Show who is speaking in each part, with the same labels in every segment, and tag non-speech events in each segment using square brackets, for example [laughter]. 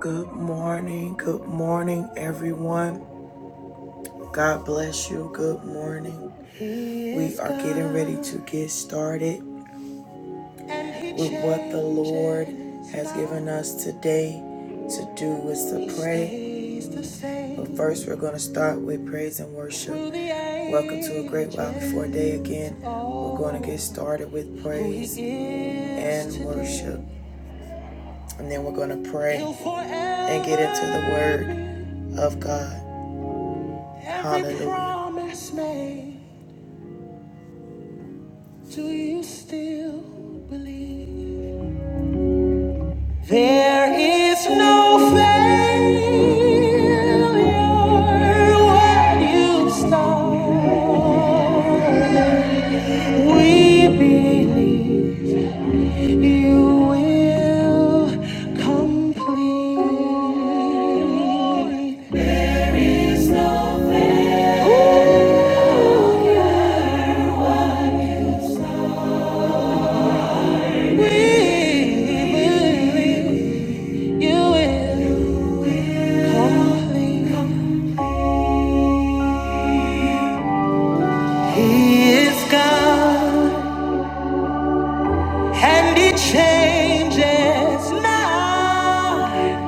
Speaker 1: Good morning. Good morning, everyone. God bless you. Good morning. We are getting ready to get started with what the Lord has given us today to do is to pray. But first, we're going to start with praise and worship. Welcome to a great while before day again. We're going to get started with praise and worship. And then we're going to pray and get into the word of God. Every promise made, do you still believe? There is no failure when you start. We believe you will complete. There's no failure. when you start. believe you will complete. He is God and He changes now.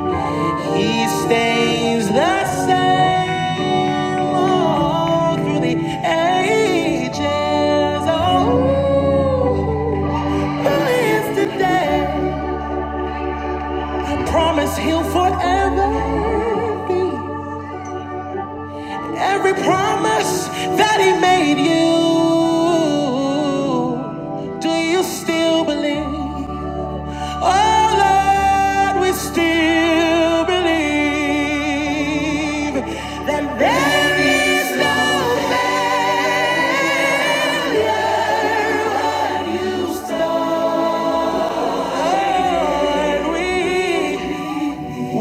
Speaker 1: He stays the same all through the ages. Oh, who is today? I promise he'll forever be every promise that he made you. Do you still believe? Oh Lord, we still believe that there is no failure. You Lord, we,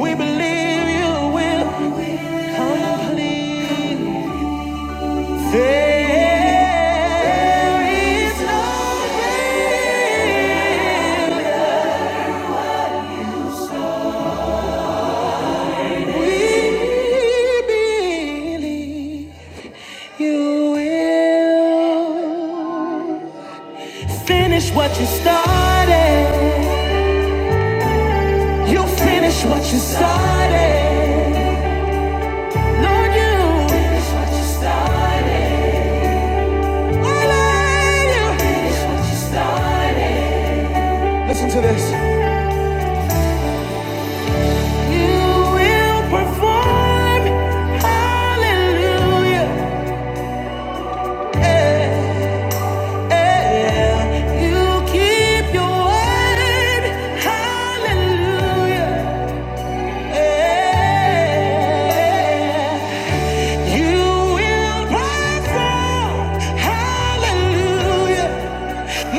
Speaker 1: we believe you will. Complete. There is no greater. We believe you will finish what you started. You finish what you started. Lord, you finish what you started. Will I love you finish what you started? Listen to this. Hallelujah. You will perform. Hallelujah.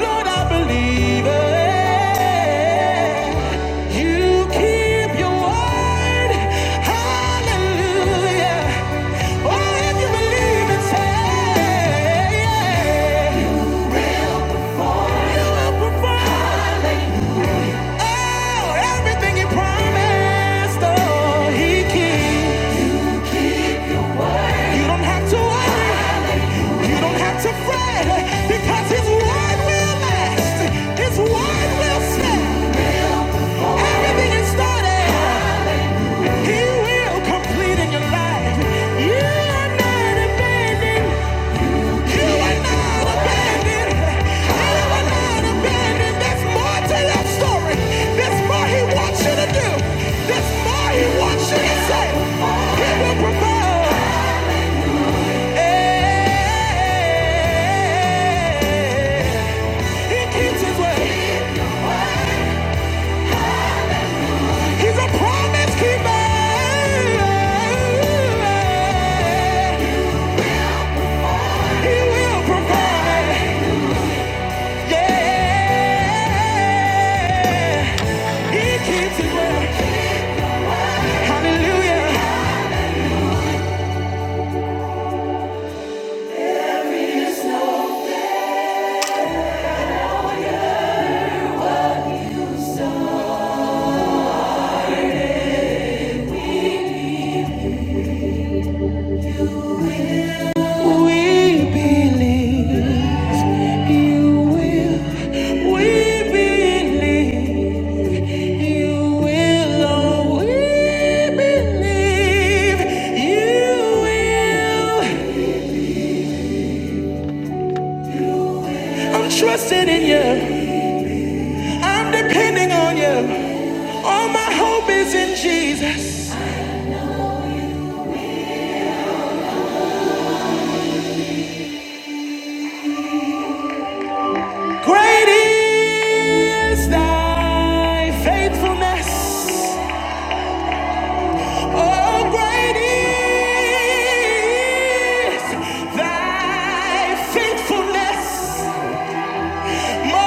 Speaker 1: Lord, I believe it. You keep your word. Hallelujah. Oh, if you believe it, say, yeah. You will perform. Oh, everything you promised, oh, he keeps. You don't have to worry. You don't have to fret because his word will last. His word will stand. Everything is started. He will complete in your life. You are not abandoned. You are not abandoned. You are not abandoned. There's more to your story. There's more he wants you to do. There's more he wants you to say. He will provide. He keeps his way. He's a promise keeper. He will provide. Yeah. He keeps his word. Hallelujah. We believe you will. We believe. You will always believe. You will. I'm trusting in you. I'm depending on you. All my hope is in Jesus. Great is thy faithfulness. Oh, great is thy faithfulness. Morning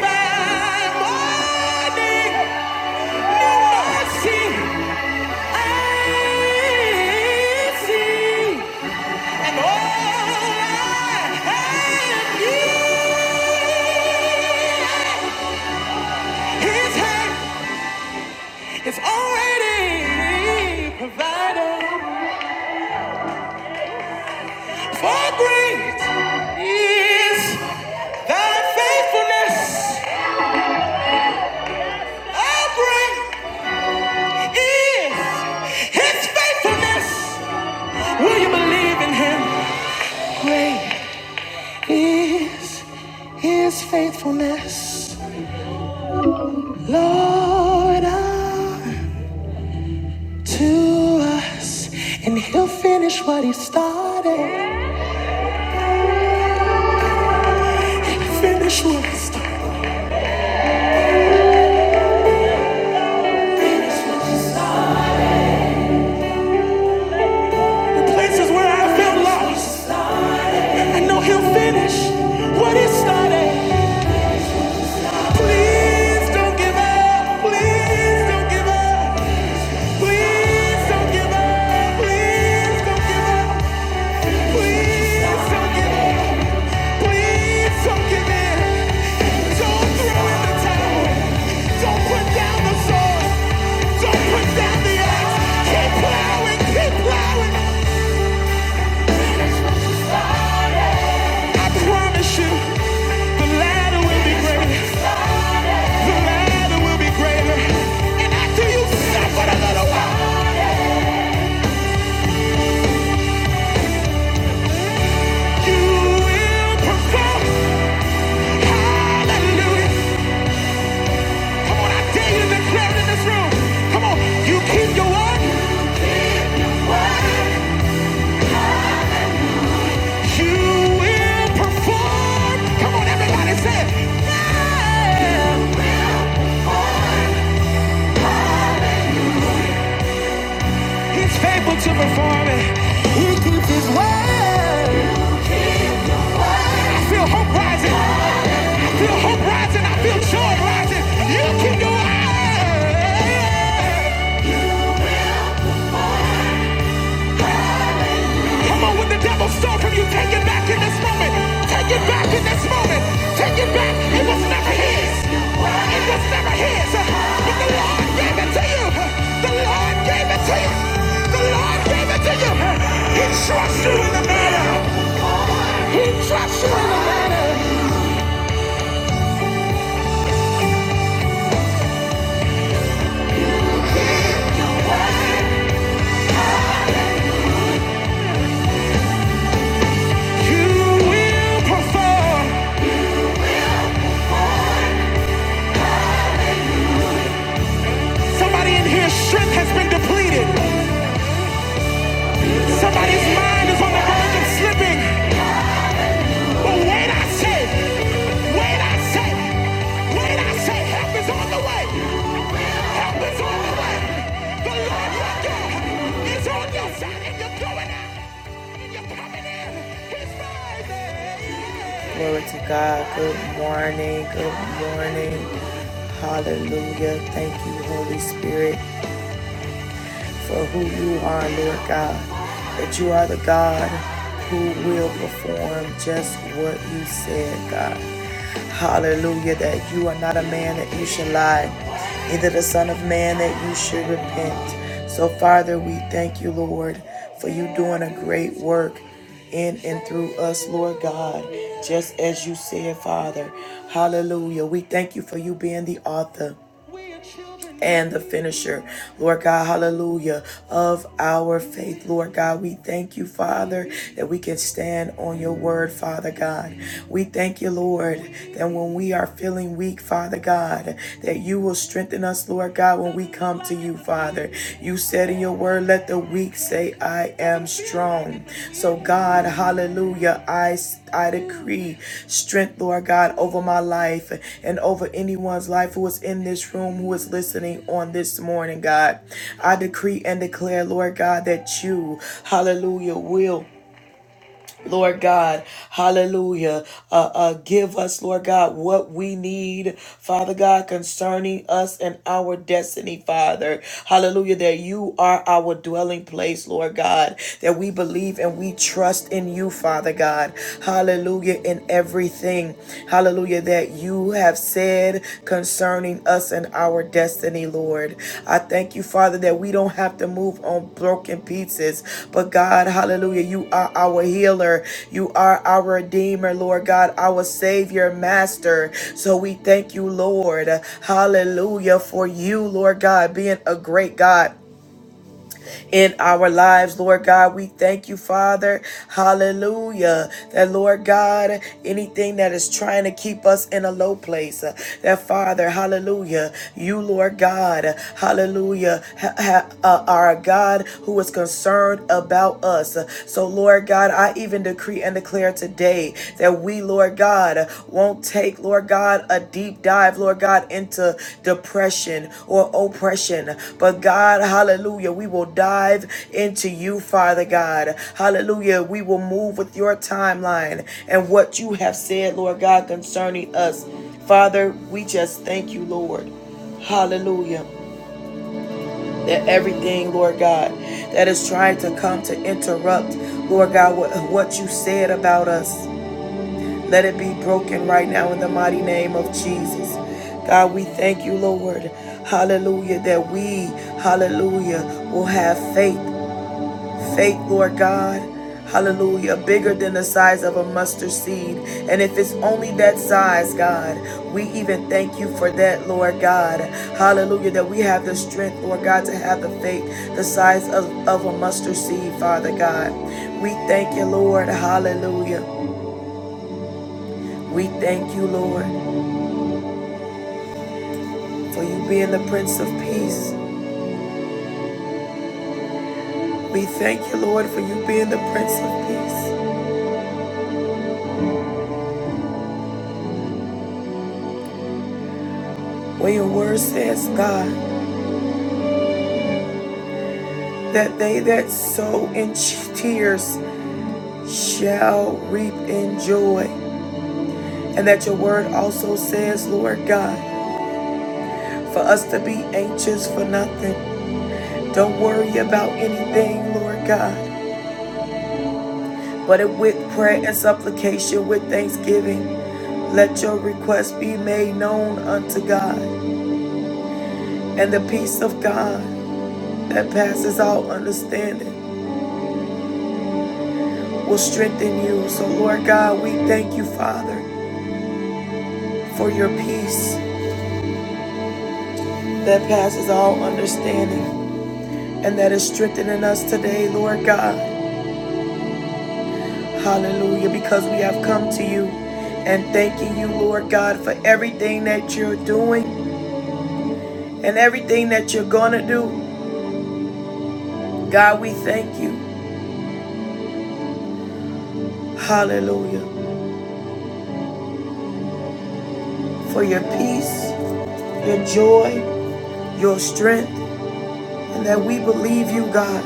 Speaker 1: by morning, new mercy I And all I need, His is already provided. For great is Thy faithfulness. Oh, is His faithfulness. Will you believe in him? Great is his faithfulness, Lord, to us. And he'll finish what he started. Finish what he started. The places where I felt lost, I know he'll finish what he started. Please don't give up. Please don't give up. Please don't give up. Please don't give up. Please don't give up. Please don't give in. Don't throw in the towel. Don't put down the sword. Don't put down the axe. Keep plowing. Keep plowing. I promise you, the ladder will be greater. The ladder will be greater. And after you suffer a little while, you will perform. Hallelujah. Come on, I dare you to declare it in this room. Come on, you keep your word. Keep your word. You will perform. Come on, everybody say it. Yeah. He's faithful to perform it. He keeps his word. I feel hope rising. I feel hope rising. I feel joy rising. You keep your word. Come on with the devil. moment. Take it back in this moment. Take it back. It was never his. It was never his. But the Lord gave it to you. The Lord gave it to you. The Lord, He trusts you in the matter. He trusts you. You will perform. In His strength has been depleted. Somebody's mind is on the verge of slipping. Glory to God. Good morning. Good morning. Hallelujah. Thank you, Holy Spirit for who you are, Lord God. That you are the God who will perform just what you said, God. Hallelujah. That you are not a man that you should lie, neither the Son of Man that you should repent. So, Father, we thank you, Lord, for you doing a great work in and through us, Lord God, just as you said, Father. Hallelujah. We thank you for you being the author and the finisher, Lord God, hallelujah, of our faith. Lord God, we thank you, Father, that we can stand on your word, Father God. We thank you, Lord, that when we are feeling weak, Father God, that you will strengthen us, Lord God, when we come to you, Father. You said in your word, power. Let the weak say, I am strong. So, God, hallelujah, I, I decree strength, Lord God, over my life and over anyone's life who is in this room, who is listening on this morning, God. I decree and declare, Lord God, that you, hallelujah, will. Lord God, hallelujah. Uh, uh, give us, Lord God, what we need, Father God, concerning us and our destiny, Father. Hallelujah, that you are our dwelling place, Lord God, that we believe and we trust in you, Father God. Hallelujah, in everything. Hallelujah, that you have sent said concerning us and our destiny, Lord. I thank you, Father, that we don't have to move on broken pieces, but God, hallelujah, you are our healer. You are our redeemer, Lord God, our savior, master. So we thank you, Lord. Hallelujah for you, Lord God, being a great God in our lives, Lord God. We thank you, Father. Hallelujah. That, Lord God, anything that is trying to keep us in a low place, uh, that, Father, hallelujah, you, Lord God, uh, hallelujah, ha- ha- uh, are a God who is concerned about us. Uh, So, Lord God, I even decree and declare today that we Lord God, won't take, Lord God, a deep dive, Lord God, into depression or oppression. But God, hallelujah, we will dive into you, Father God. Hallelujah, we will move with your timeline and what you have said, Lord God, concerning us. Father, we just thank you, Lord. Hallelujah. That everything, Lord God, that is trying to come to interrupt, Lord God, what, what you said about us. Let it be broken right now in the mighty name of Jesus. God, we thank you, Lord. Hallelujah. That we, hallelujah, will have faith. Faith, Lord God. Hallelujah. Bigger than the size of a mustard seed. And if it's only that size, God, we even thank you for that, Lord God. Hallelujah. That we have the strength, Lord God, to have the faith the size of, of a mustard seed, Father God. We thank you, Lord. Hallelujah. We thank you, Lord. for you being the Prince of Peace. We thank you, Lord, for you being the Prince of Peace. when your word says, God, that they that sow in tears shall reap in joy. And that your word also says, Lord God, for us to be anxious for nothing. Don't worry about anything, Lord God, but with prayer and supplication, with thanksgiving. Let your request be made known unto God, and the peace of God, that passes all understanding will strengthen you. So, Lord God, we thank you, Father, for your peace that passes all understanding and that is strengthening us today, Lord God. Hallelujah, because we have come to you and thanking you, Lord God, for everything that you're doing and everything that you're going to do. God, we thank you. Hallelujah. For your peace, your joy, your strength, and that we believe you, God.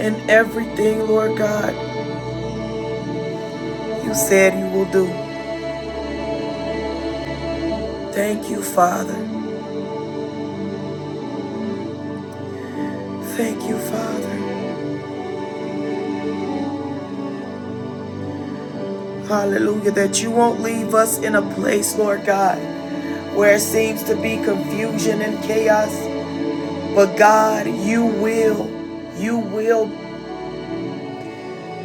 Speaker 1: and everything, Lord God, you said you will do. Thank you, Father. Thank you, Father. Hallelujah, that you won't leave us in a place, Lord God, where it seems to be confusion and chaos. But God, you will, you will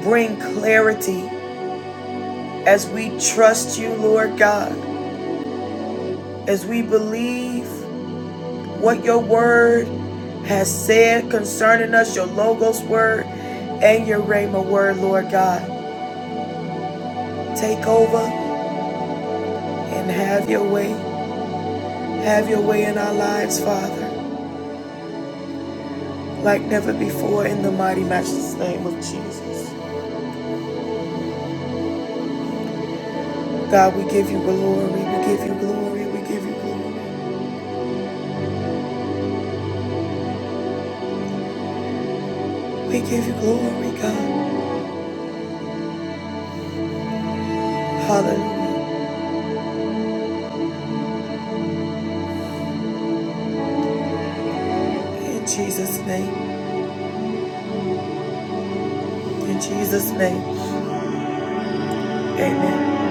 Speaker 1: bring clarity as we trust you, Lord God, as we believe what your word has said concerning us, your Logos word and your Rhema word, Lord God. Take over and have your way. Have your way in our lives, Father, like never before in the mighty, matchless name of Jesus. God, we give you glory. We give you glory. We give you glory. We give you glory, God. Hallelujah. In Jesus' name. In Jesus' name. Amen.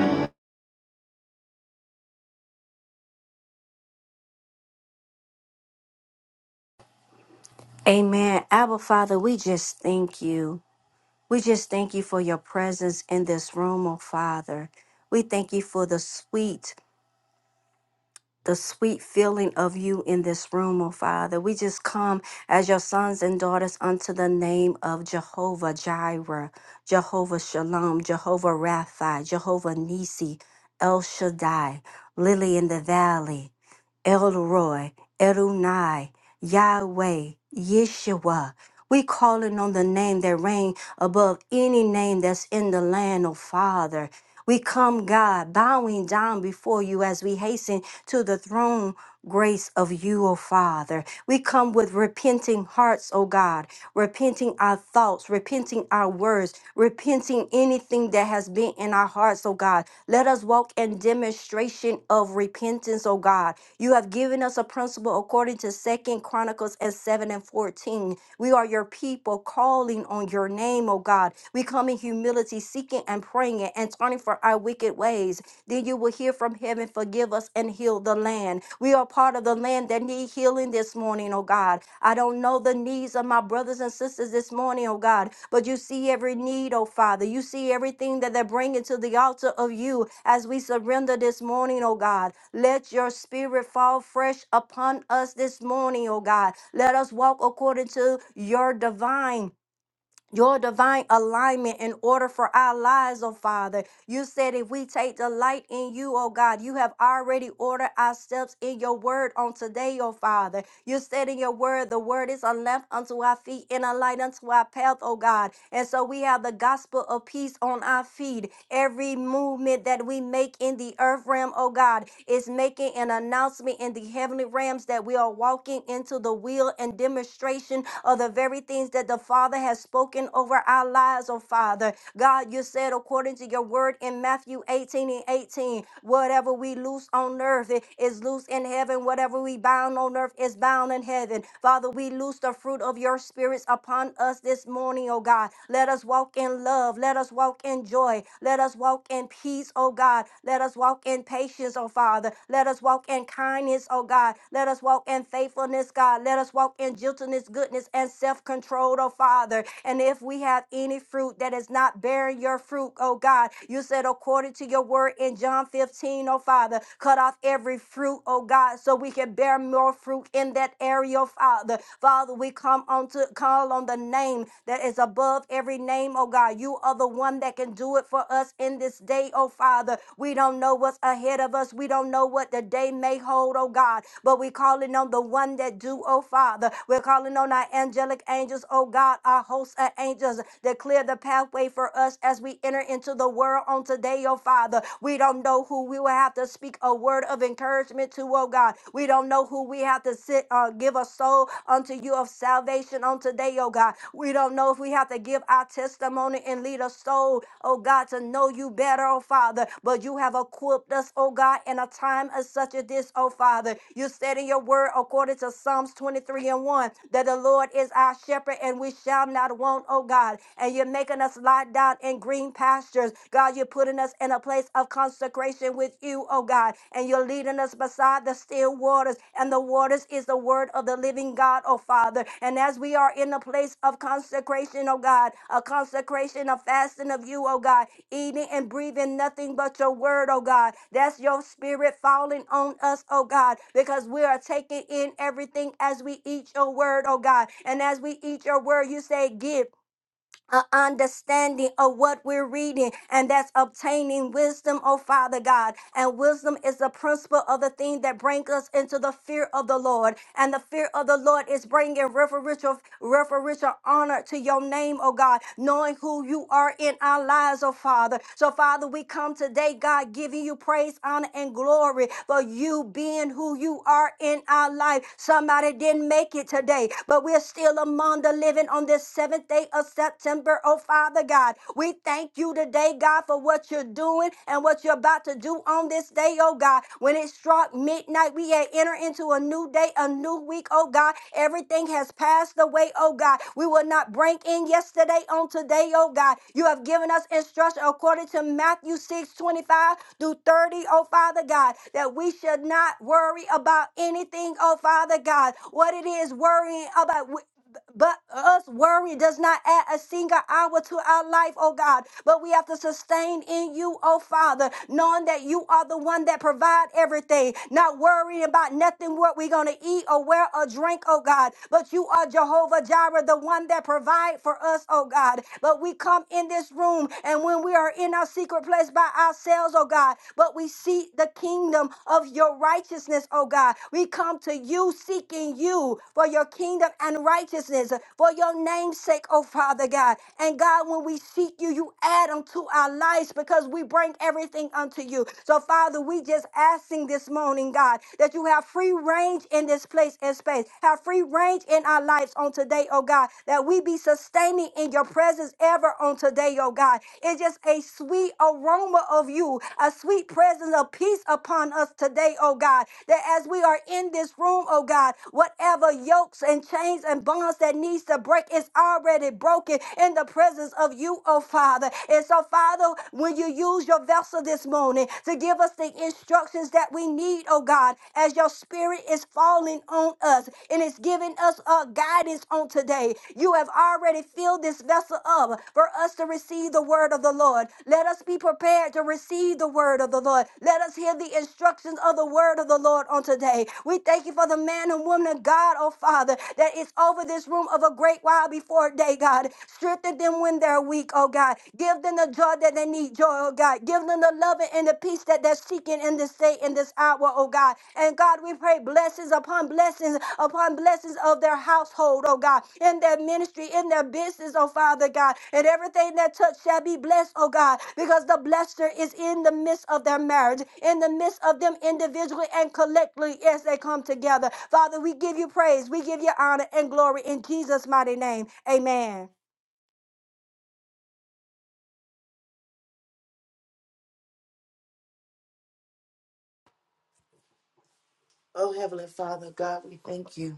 Speaker 2: Oh, Heavenly Father, God, we thank you.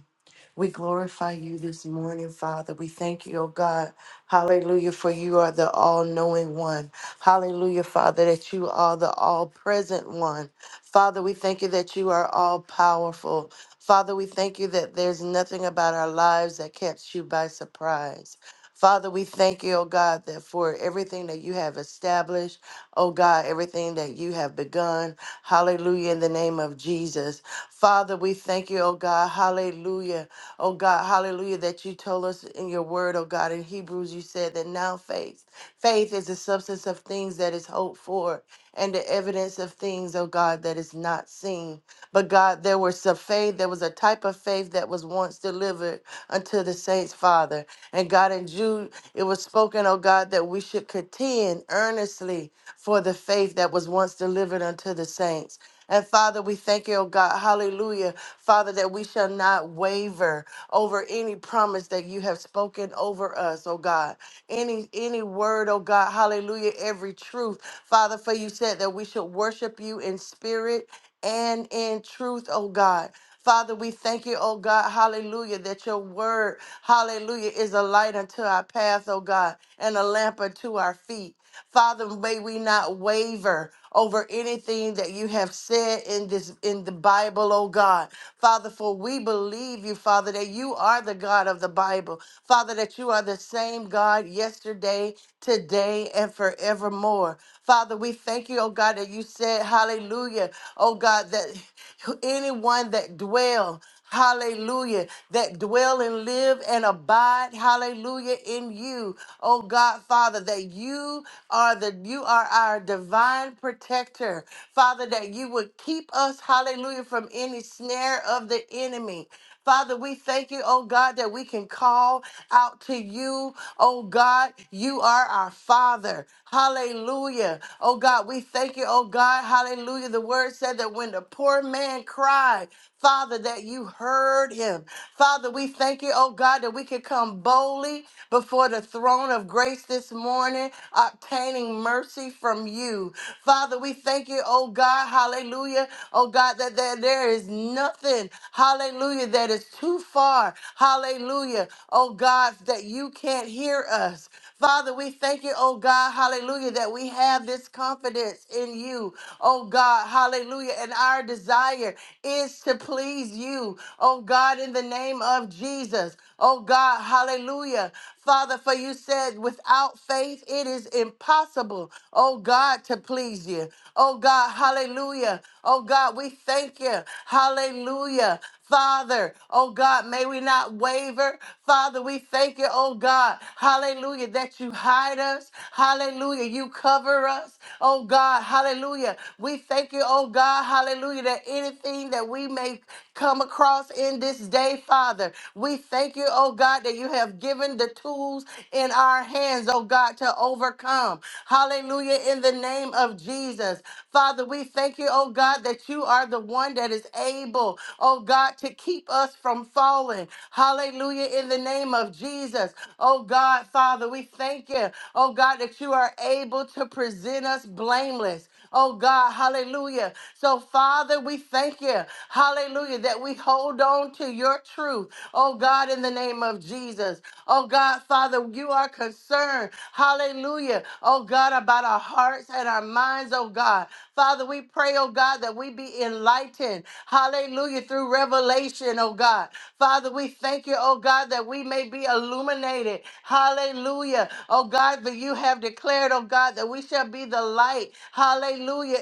Speaker 2: We glorify you this morning, Father. We thank you, oh God. Hallelujah, for you are the all knowing one. Hallelujah, Father, that you are the all present one. Father, we thank you that you are all powerful. Father, we thank you that there's nothing about our lives that catch you by surprise. Father, we thank you, oh God, that for everything that you have established, oh God, everything that you have begun. Hallelujah, in the name of Jesus. Father, we thank you, oh God, hallelujah Oh God, hallelujah, that you told us in your word, oh God, in Hebrews, you said that now faith, faith is the substance of things that is hoped for and the evidence of things, oh God, that is not seen. But God, there was a faith, there was a type of faith that was once delivered unto the saints, Father. And God, in Jude, it was spoken, oh God, that we should contend earnestly for the faith that was once delivered unto the saints. And Father, we thank you, oh God, hallelujah, Father, that we shall not waver over any promise that you have spoken over us, oh God. Any any word, oh God, hallelujah, every truth. Father, for you said that we should worship you in spirit and in truth, oh God. Father, we thank you, oh God, hallelujah, that your word, hallelujah, is a light unto our path, oh God, and a lamp unto our feet. Father, may we not waver over anything that you have said in this in the Bible, oh God. Father, for we believe you, Father, that you are the God of the Bible. Father, that you are the same God yesterday, today, and forevermore. Father, we thank you, oh God, that you said, hallelujah, oh God, that [laughs] anyone that dwell Hallelujah. That dwell and live and abide. Hallelujah. In you. Oh God, Father, that you are the you are our divine protector. Father, that you would keep us, hallelujah, from any snare of the enemy. Father, we thank you, oh God, that we can call out to you. Oh God, you are our Father. Hallelujah. Oh God, we thank you, oh God. Hallelujah. The word said that when the poor man cried, Father, that you heard him. Father, we thank you, oh God, that we can come boldly before the throne of grace this morning, obtaining mercy from you. Father, we thank you, oh God. Hallelujah. Hallelujah. Oh God, that there, there is nothing. Hallelujah. That is too far. Hallelujah. Oh God, that you can't hear us. Father, we thank you, oh God, hallelujah, that we have this confidence in you, oh God, hallelujah. And our desire is to please you, oh God, in the name of Jesus, oh God, hallelujah. Father, for you said, without faith, it is impossible impossible, oh God, to please you. Oh God, hallelujah. Oh God, we thank you. Hallelujah. Father, oh God, may we not waver. Father, we thank you, oh God, hallelujah, that you hide us. Hallelujah, you cover us. Oh God, hallelujah. We thank you, oh God, hallelujah, that anything that we may come across in this day, Father, we thank you, oh God, that you have have given the tools in our hands, oh God, to overcome. Hallelujah. In the name of Jesus. Father, we thank you, oh God, that you are the one that is able, oh God, to keep us from falling. Hallelujah. In the name of Jesus. Oh God, Father, we thank you, oh God, that you are able to present us blameless. Oh God, hallelujah. So, Father, we thank you, hallelujah, that we hold on to your truth. Oh God, in the name of Jesus. Oh God, Father, you are concerned, hallelujah. Oh God, about our hearts and our minds, oh God. God. Father, we pray, oh God, that we be enlightened. Hallelujah. Through revelation, oh God. Father, we thank you, oh God, that we may be illuminated. Hallelujah. Oh God, that you have declared, oh God, that we shall be the light. Hallelujah.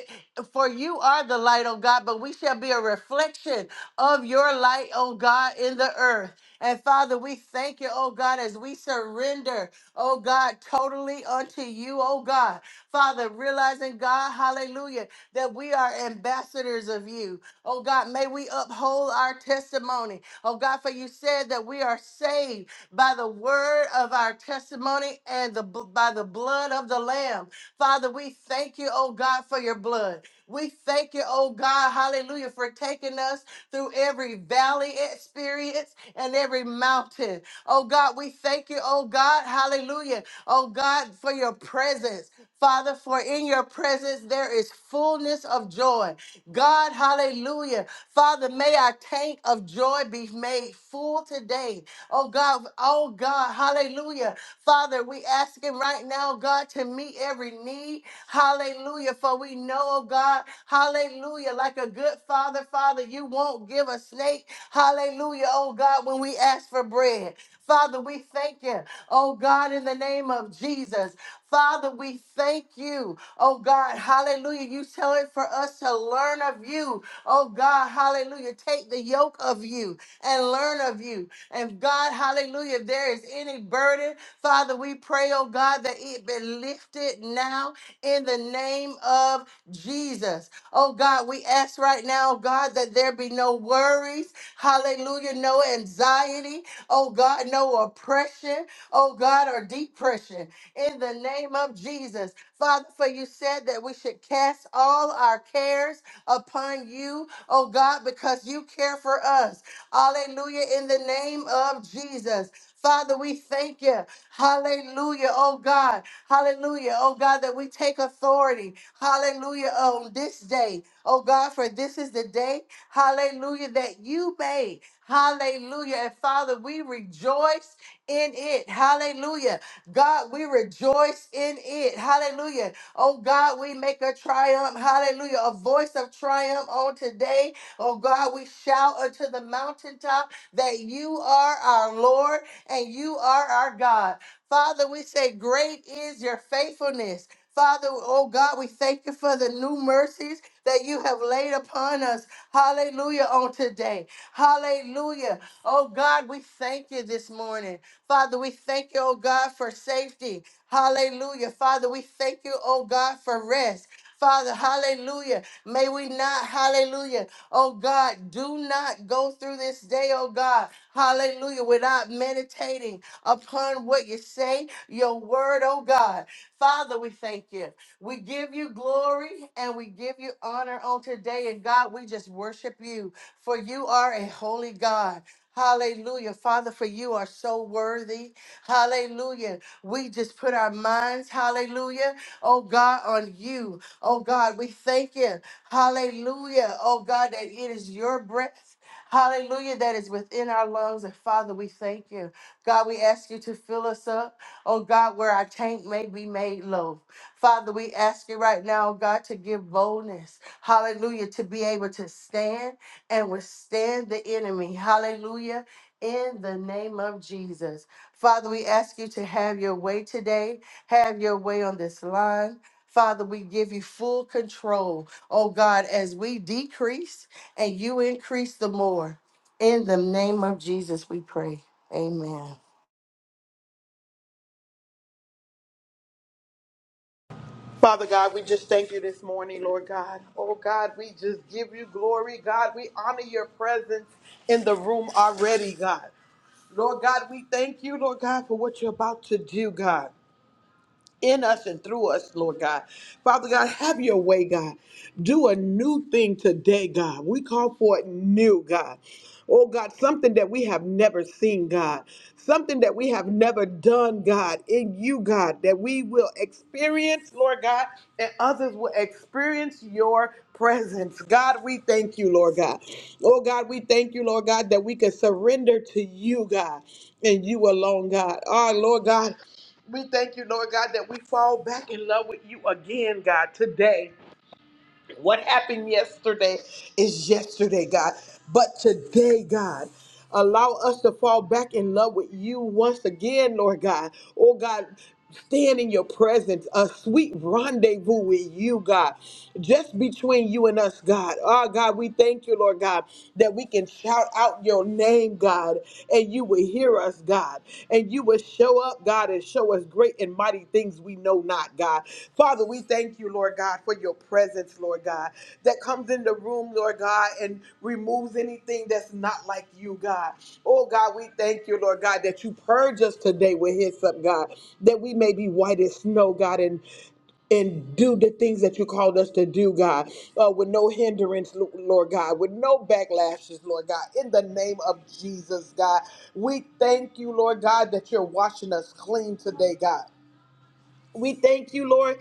Speaker 2: For you are the light, oh God, but we shall be a reflection of your light, oh God, in the earth. And Father, we thank you, oh God, as we surrender, oh God, totally unto you, oh God. Father, realizing, God, hallelujah, that we are ambassadors of you. Oh God, may we uphold our testimony. Oh God, for you said that we are saved by the word of our testimony and the by the blood of the Lamb. Father, we thank you, oh God, for your blood. We thank you, oh God, hallelujah, for taking us through every valley experience and every mountain. Oh God, we thank you, oh God, hallelujah, oh God, for your presence. Father, for in your presence there is fullness of joy. God, hallelujah. Father, may our tank of joy be made full today. Oh God, oh God, hallelujah. Father, we asking right now, God, to meet every need. Hallelujah. For we know, oh God, hallelujah. Like a good father, Father, you won't give a snake. Hallelujah, oh God, when we ask for bread. Father, we thank you, oh God, in the name of Jesus. Father, we thank you. Oh God, hallelujah. You tell it for us to learn of you. Oh God, hallelujah. Take the yoke of you and learn of you. And God, hallelujah, if there is any burden, Father, we pray, oh God, that it be lifted now in the name of Jesus. Oh God, we ask right now, oh, God, that there be no worries, hallelujah, no anxiety, oh God, no oppression, oh God, or depression in the name of Jesus. Father, for you said that we should cast all our cares upon you, oh God, because you care for us. Hallelujah, in the name of Jesus. Father, we thank you. Hallelujah, oh God. Hallelujah, oh God, that we take authority. Hallelujah, on this day, oh God, for this is the day, hallelujah, that you made. Hallelujah. And Father, we rejoice in it. Hallelujah God, we rejoice in it. Hallelujah. Oh God, we make a triumph. Hallelujah. A voice of triumph on today. Oh God, we shout unto the mountaintop that you are our Lord and you are our God. Father, we say, Great is your faithfulness. Father, oh God, we thank you for the new mercies that you have laid upon us. Hallelujah on today. Hallelujah. Oh God, we thank you this morning. Father, we thank you, oh God, for safety. Hallelujah. Father, we thank you, oh God, for rest. Father, hallelujah. May we not, hallelujah, oh God, do not go through this day, oh God, hallelujah, without meditating upon what you say, your word, oh God. Father, we thank you. We give you glory and we give you honor on today. And God, we just worship you, for you are a holy God. Hallelujah. Father, for you are so worthy. Hallelujah. We just put our minds, hallelujah, oh God, on you. Oh God, we thank you. Hallelujah. Oh God, that it is your breath. Hallelujah, that is within our lungs. And Father, we thank you. God, we ask you to fill us up. Oh God, where our tank may be made low. Father, we ask you right now, oh God, to give boldness. Hallelujah, to be able to stand and withstand the enemy. Hallelujah. In the name of Jesus. Father, we ask you to have your way today, have your way on this line. Father, we give you full control, oh God, as we decrease and you increase the more. In the name of Jesus, we pray. Amen.
Speaker 3: Father God, we just thank you this morning, Lord God. Oh God, we just give you glory. God, we honor your presence in the room already, God. Lord God, we thank you, Lord God, for what you're about to do, God in us and through us, Lord God. Father God, have your way, God. Do a new thing today, God. We call for it new, God. Oh God, something that we have never seen, God. Something that we have never done, God, in you, God, that we will experience, Lord God, and others will experience your presence. God, we thank you, Lord God. Oh God, we thank you, Lord God, that we can surrender to you, God, and you alone, God. Our Lord God. We thank you, Lord God, that we fall back in love with you again, God, today. What happened yesterday is yesterday, God. But today, God, allow us to fall back in love with you once again, Lord God. Oh, God. Stand in your presence, a sweet rendezvous with you, God, just between you and us, God. Oh, God, we thank you, Lord God, that we can shout out your name, God, and you will hear us, God, and you will show up, God, and show us great and mighty things we know not, God. Father, we thank you, Lord God, for your presence, Lord God, that comes in the room, Lord God, and removes anything that's not like you, God. Oh, God, we thank you, Lord God, that you purge us today with hyssop, God, that we may be white as snow, God, and and do the things that you called us to do, God, uh, with no hindrance, Lo- Lord God, with no backlashes, Lord God, in the name of Jesus, God. We thank you, Lord God, that you're washing us clean today, God. We thank you, Lord,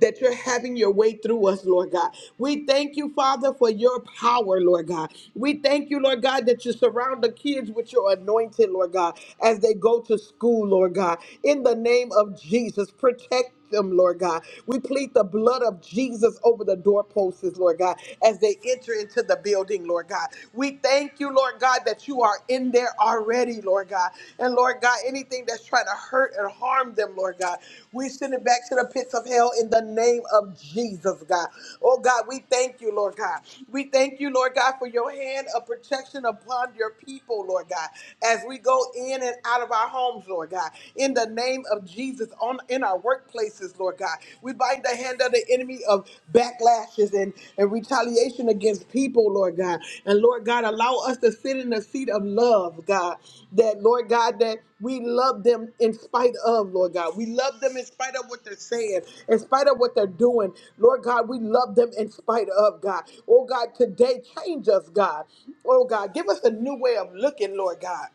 Speaker 3: that you're having your way through us, Lord God. We thank you, Father, for your power, Lord God. We thank you, Lord God, that you surround the kids with your anointing, Lord God, as they go to school, Lord God. In the name of Jesus, protect them, Lord God. We plead the blood of Jesus over the doorposts, Lord God, as they enter into the building, Lord God. We thank you, Lord God, that you are in there already, Lord God. And Lord God, anything that's trying to hurt and harm them, Lord God, we send it back to the pits of hell in the name of Jesus, God. Oh God, we thank you, Lord God. We thank you, Lord God, for your hand of protection upon your people, Lord God, as we go in and out of our homes, Lord God in the name of Jesus on in our workplaces, Lord God. We bind the hand of the enemy of backlashes and, and retaliation against people, Lord God. And Lord God, allow us to sit in the seat of love, God. That Lord God, that we love them in spite of, Lord God. We love them in spite of what they're saying, in spite of what they're doing. Lord God, we love them in spite of, God. Oh God, today change us, God. Oh God, give us a new way of looking, Lord God.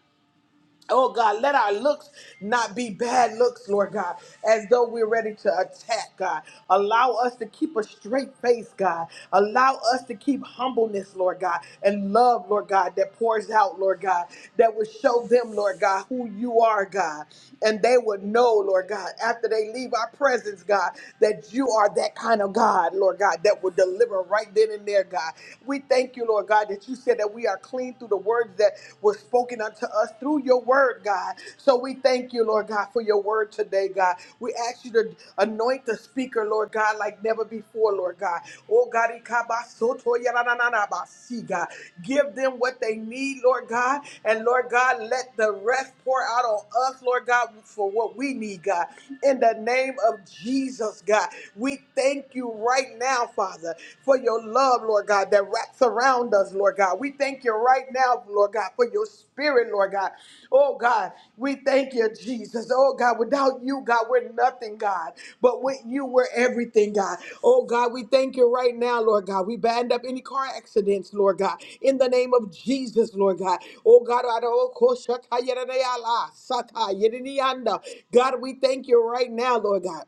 Speaker 3: Oh God, let our looks not be bad looks, Lord God, as though we're ready to attack, God. Allow us to keep a straight face, God. Allow us to keep humbleness, Lord God, and love, Lord God, that pours out, Lord God, that will show them, Lord God, who you are, God. And they would know, Lord God, after they leave our presence, God, that you are that kind of God, Lord God, that will deliver right then and there, God. We thank you, Lord God, that you said that that we are clean through the words that were spoken unto us through your word, God. So we thank you, Lord God, for your word today, God. We ask you to anoint the speaker, Lord God, like never before, Lord God. Oh God, ikabasoto yarananabasi, God. give them what they need, Lord God. And Lord God, let the rest pour out on us, Lord God, for what we need, God. In the name of Jesus, God, we thank you right now, Father uh, for your love, Lord God, that wraps around us, Lord God. We thank you right now, Lord God, for your spirit, Lord God. Oh God, we thank you, Jesus. Oh God, without you, God, we're nothing, God. But with you, we're everything, God. Oh God, we thank you right now, Lord God. We band up any car accidents, Lord God, in the name of Jesus, Lord God. Oh God, I don't- oh, Shatayadayala, Satayadinianda. God, we thank you right now, Lord God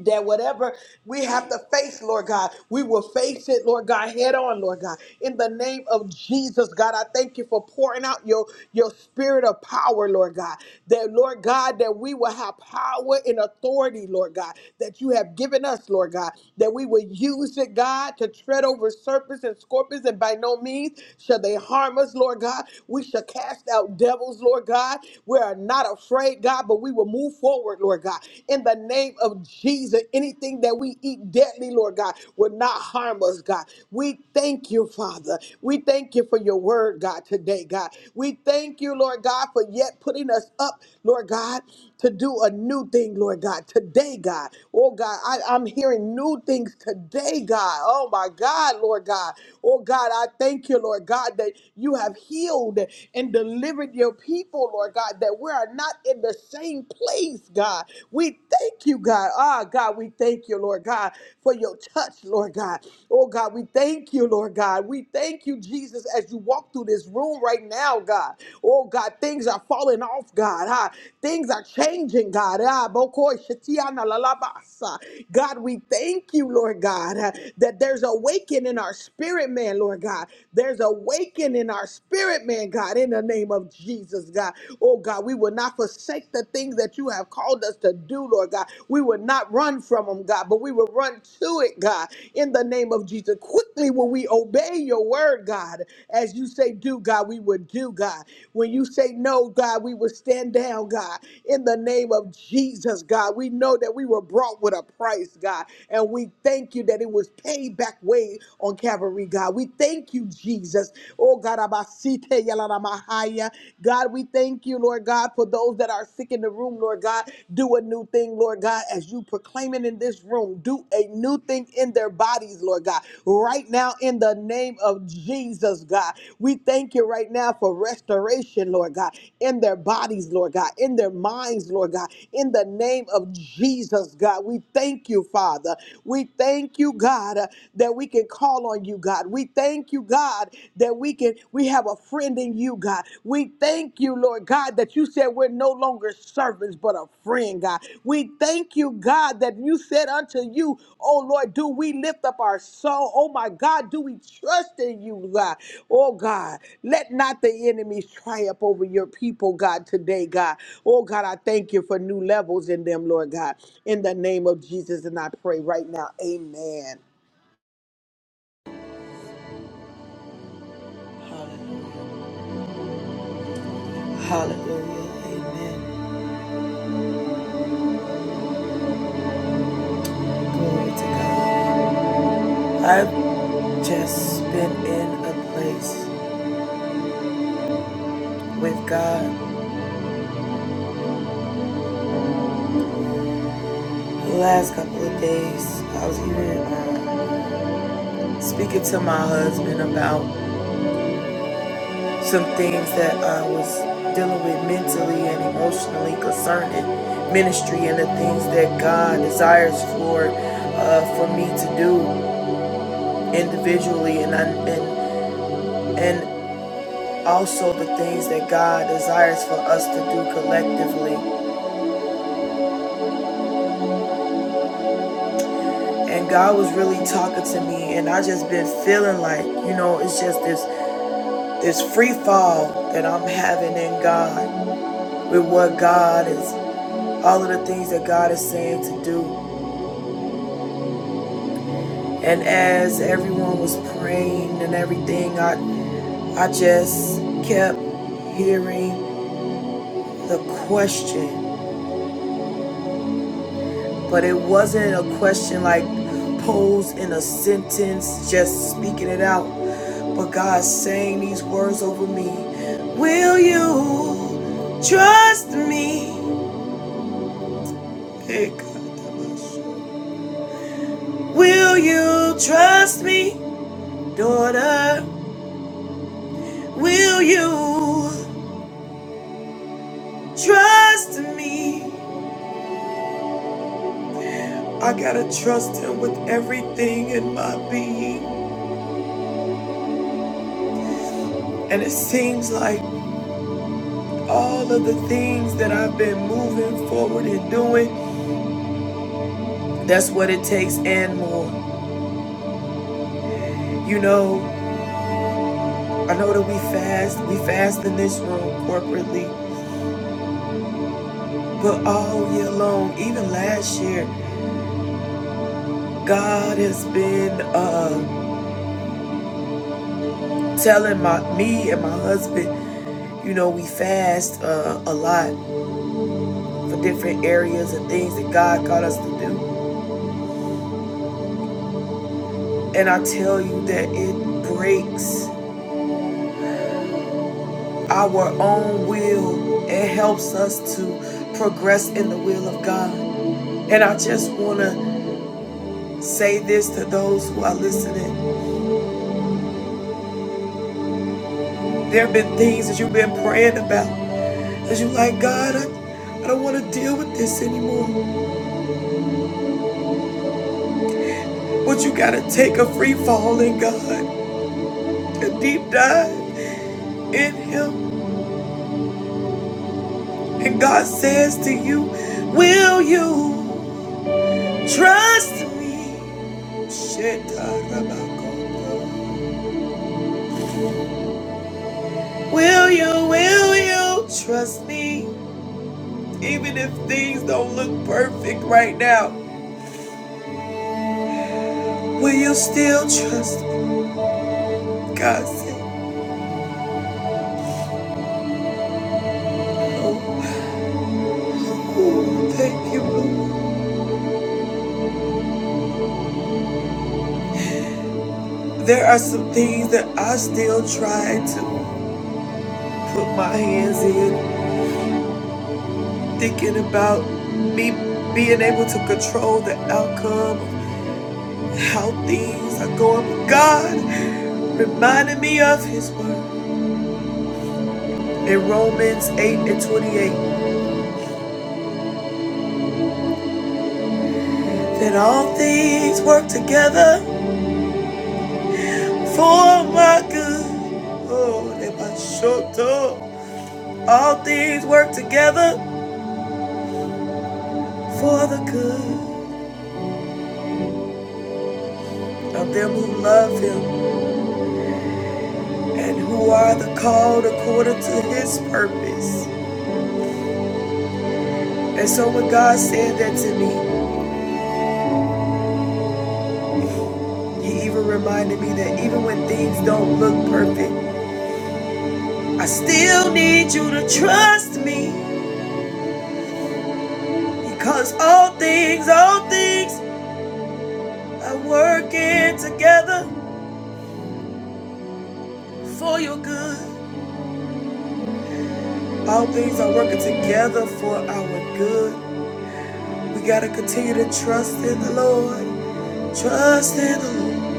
Speaker 3: that whatever we have to face, Lord God, we will face it, Lord God, head on, Lord God. In the name of Jesus, God, I thank you for pouring out your, your spirit of power, Lord God. That, Lord God, that we will have power and authority, Lord God, that you have given us, Lord God, that we will use it, God, to tread over serpents and scorpions, and by no means shall they harm us, Lord God. We shall cast out devils, Lord God. We are not afraid, God, but we will move forward, Lord, Lord God. In the name of Jesus, anything that we eat deadly, Lord God, will not harm us, God. We thank you, Father. We thank you for your word, God, today, God. We thank you, Lord God, for yet putting us up, Lord God, to do a new thing, Lord God, today, God. Oh, God, I, I'm hearing new things today, God. Oh, my God, Lord God. Oh, God, I thank you, Lord God, that you have healed and delivered your people, Lord God, that we're are not in the same place, God. We thank you, God. Ah, God, we thank you, Lord God, for your touch, Lord God. Oh, God, we thank you, Lord God. We thank you, Jesus, as you walk through this room right now, God. Oh, God, things are falling off, God. Ah, things are changing, God. Ah, bokoi shetiana lalabasa. God, we thank you, Lord God, ah, that there's awakening in our spirit, man, Lord God. There's awakening in our spirit, man, God, in the name name of Jesus, God. Oh, God, we will not forsake the things that you have called us to do, Lord God. We will not run from them, God, but we will run to it, God, in the name of Jesus. Quickly will we obey your word, God. As you say, do, God, we will do, God. When you say no, God, we will stand down, God, in the name of Jesus, God. We know that we were brought with a price, God, and we thank you that it was paid back way on Calvary, God. We thank you, Jesus. oh. Oh, God, Abasite Yalanamahaya. God, we thank you, Lord God, for those that are sick in the room, Lord God. Do a new thing, Lord God, as you proclaim it in this room. Do a new thing in their bodies, Lord God. Right now, in the name of Jesus, God, we thank you right now for restoration, Lord God, in their bodies, Lord God, in their minds, Lord God, in the name of Jesus, God. We thank you, Father. We thank you, God, uh, that we can call on you, God. God. We thank you, God, that we can we have a friend in you, God. We thank you, Lord God, that you said we're no longer servants but a friend, God. We thank you, God, that you said unto you, oh Lord, do we lift up our soul? Oh my God, do we trust in you, God? Oh God, let not the enemies triumph over your people, God, today, God. Oh God, I thank you for new levels in them, Lord God. In the name of Jesus, and I pray right now, amen.
Speaker 1: Hallelujah. Hallelujah. Amen. Glory to God. I've just been in a place with God The last couple of days, I was even um, speaking to my husband about some things that I was dealing with mentally and emotionally concerning ministry and the things that God desires for uh, for me to do individually and I, and and also the things that God desires for us to do collectively. And God was really talking to me, and I just been feeling like, you know, it's just this. this free fall that I'm having in God with what God is, all of the things that God is saying to do. And as everyone was praying and everything, I, I just kept hearing the question, but it wasn't a question like posed in a sentence, just speaking it out. But God saying these words over me Will you trust me? Hey, God. Will you trust me, daughter? Will you trust me? I gotta trust him with everything in my being. And it seems like all of the things that I've been moving forward and doing, that's what it takes and more. You know, I know that we fast, we fast in this room corporately, but all year long, even last year, God has been uh telling my me and my husband, you know, we fast uh, a lot for different areas and things that God got us to do. And I tell you that it breaks our own will and helps us to progress in the will of God. And I just want to say this to those who are listening. There have been things that you've been praying about that you like, God, I, I don't want to deal with this anymore. But you got to take a free fall in God, a deep dive. in him. And God says to you, Will you trust me? Shetarabako. Will you, will you trust me? Even if things don't look perfect right now, will you still trust me? God said, Oh, oh, thank you, Lord. There are some things that I still try to put my hands in, thinking about me being able to control the outcome how things are going. God reminded me of His word in Romans 8 and 28 that all things work together for my good. Oh, they my short talk. All things work together for the good of them who love Him and who are the called according to His purpose. And so when God said that to me, He even reminded me that even when things don't look perfect, I still need you to trust me because all things, all things are working together for your good. All things are working together for our good. We gotta continue to trust in the Lord. Trust in the Lord.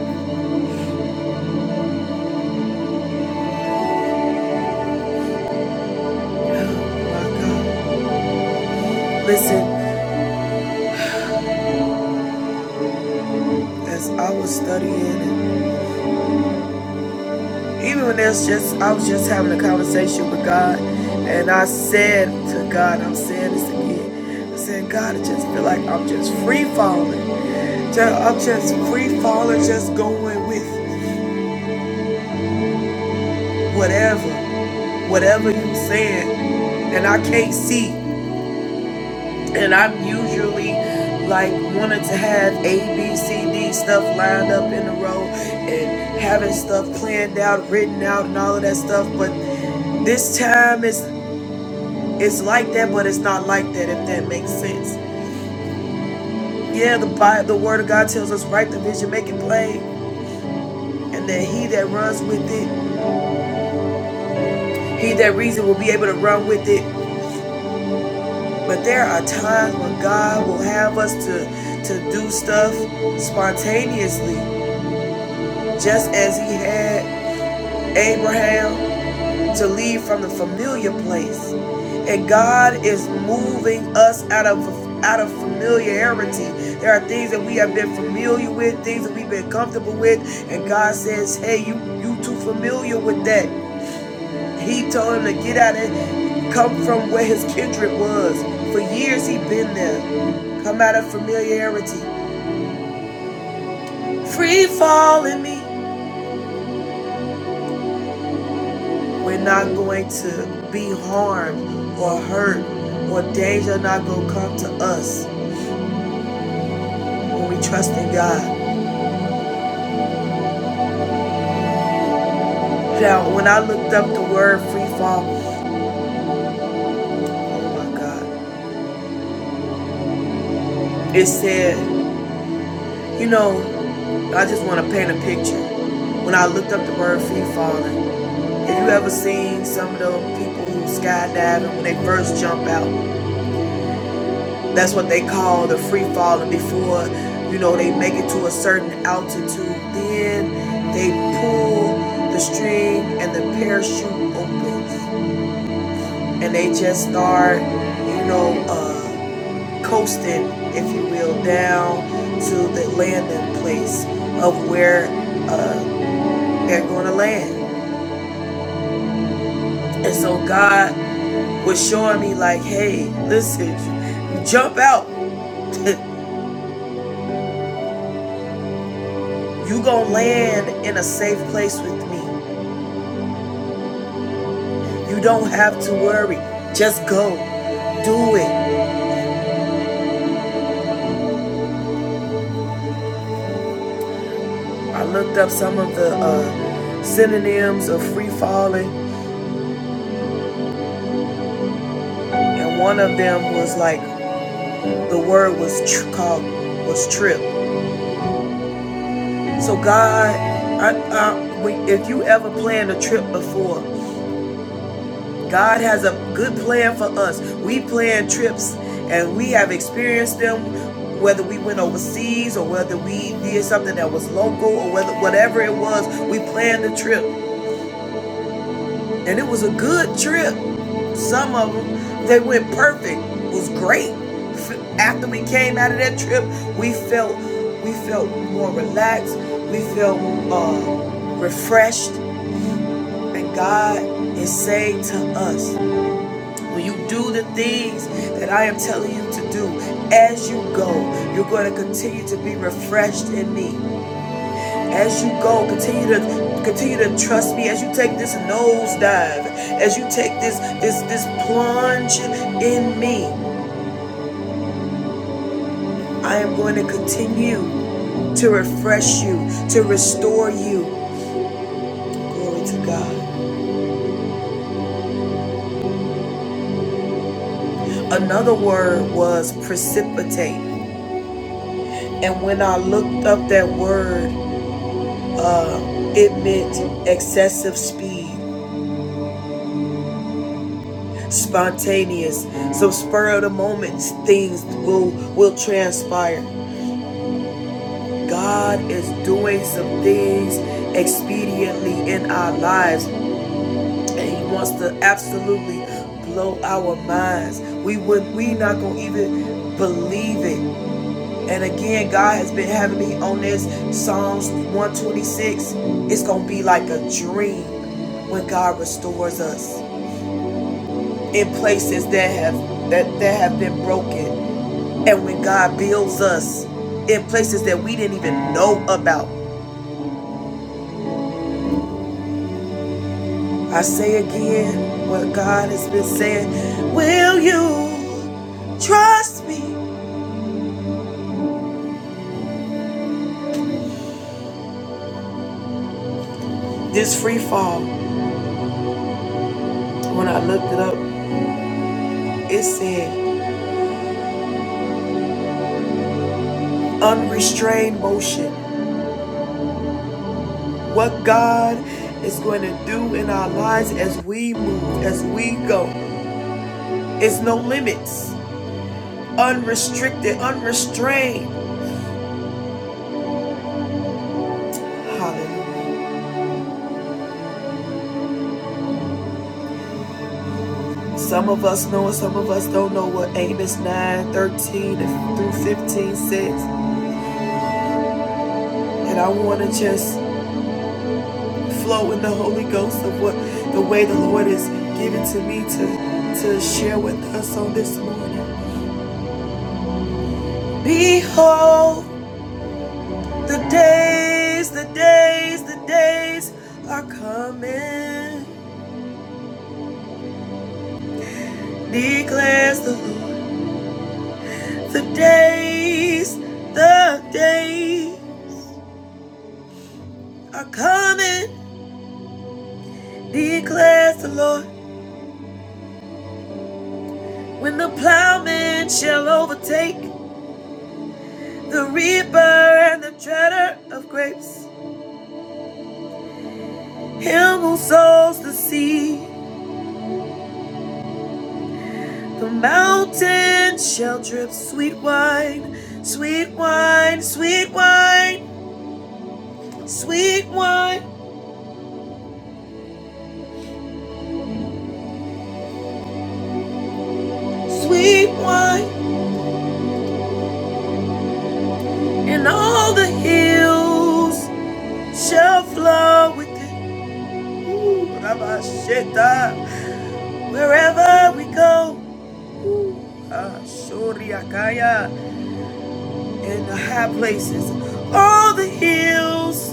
Speaker 1: Oh My God. Listen, as I was studying and Even when there's just, I was just having a conversation with God, and I said to God, I'm saying this again. I said, God, I just feel like I'm just free falling. I'm just free falling, just going with whatever, whatever you saying. And I can't see. And I'm usually like wanting to have A, B, C, D stuff lined up in a row and having stuff planned out, written out, and all of that stuff. But this time is It's like that, but it's not like that, if that makes sense. Yeah, the Bible, the Word of God tells us, write the vision, make it plain, and that he that runs with it, he that reads it will be able to run with it. But there are times when God will have us to, to do stuff spontaneously, just as he had Abraham to leave from the familiar place. And God is moving us out of out of familiarity. There are things that we have been familiar with, things that we've been comfortable with, and God says, "Hey, you you too familiar with that." He told him to get out and come from where his kindred was. For years he'd been there. Come out of familiarity. Free falling me. We're not going to be harmed or hurt or danger not going to come to us when we trust in God. Now, when I looked up the word free fall, oh my God, it said, you know, I just want to paint a picture. When I looked up the word free falling, have you ever seen some of those people who skydive and when they first jump out? That's what they call the free fall. And before, you know, they make it to a certain altitude, then they pull the string and the parachute opens. And they just start, you know, uh, coasting, if you will, down to the landing place of where uh, they're going to land. And so God was showing me, like, hey, listen, jump out. [laughs] you gonna land in a safe place with me. You don't have to worry. Just go. Do it. I looked up some of the uh, synonyms of free falling, and one of them was like the word was tr- called was trip. So God, I, I, if you ever planned a trip before, God has a good plan for us. We plan trips, and we have experienced them whether we went overseas or whether we did something that was local or whether whatever it was, we planned the trip. And it was a good trip. Some of them, they went perfect. It was great. After we came out of that trip, we felt we felt more relaxed. We felt uh, refreshed. And God is saying to us, when you do the things that I am telling you to do, as you go, you're going to continue to be refreshed in me. As you go, continue to continue to trust me. As you take this nosedive, as you take this this this plunge in me, I am going to continue to refresh you, to restore you. Glory to God. Another word was precipitate, and when I looked up that word, it meant excessive speed spontaneous, some spur of the moment things will will transpire. God is doing some things expediently in our lives, and He wants to absolutely blow our minds. We would we not gonna even believe it. And again, God has been having me on this Psalms 126. It's gonna be like a dream when God restores us in places that have that, that have been broken, and when God builds us in places that we didn't even know about. I say again what God has been saying. Will you trust me? This free fall, when I looked it up, it said unrestrained motion. What God is going to do in our lives as we move, as we go. It's no limits. Unrestricted, unrestrained. Hallelujah. Some of us know and some of us don't know what Amos 9 13 through 15 says. And I want to just flow in the Holy Ghost of what the way the Lord is given to me to, to share with us on this morning. Behold, the days, the days, the days are coming, declares the Lord. The days, the days are coming, declares the Lord. When the plowman shall overtake the reaper and the treader of grapes, him who sows the seed The mountains shall drip sweet wine, sweet wine, sweet wine, sweet wine, sweet wine, and all the hills shall flow with it. Wherever we go, in the high places, all the hills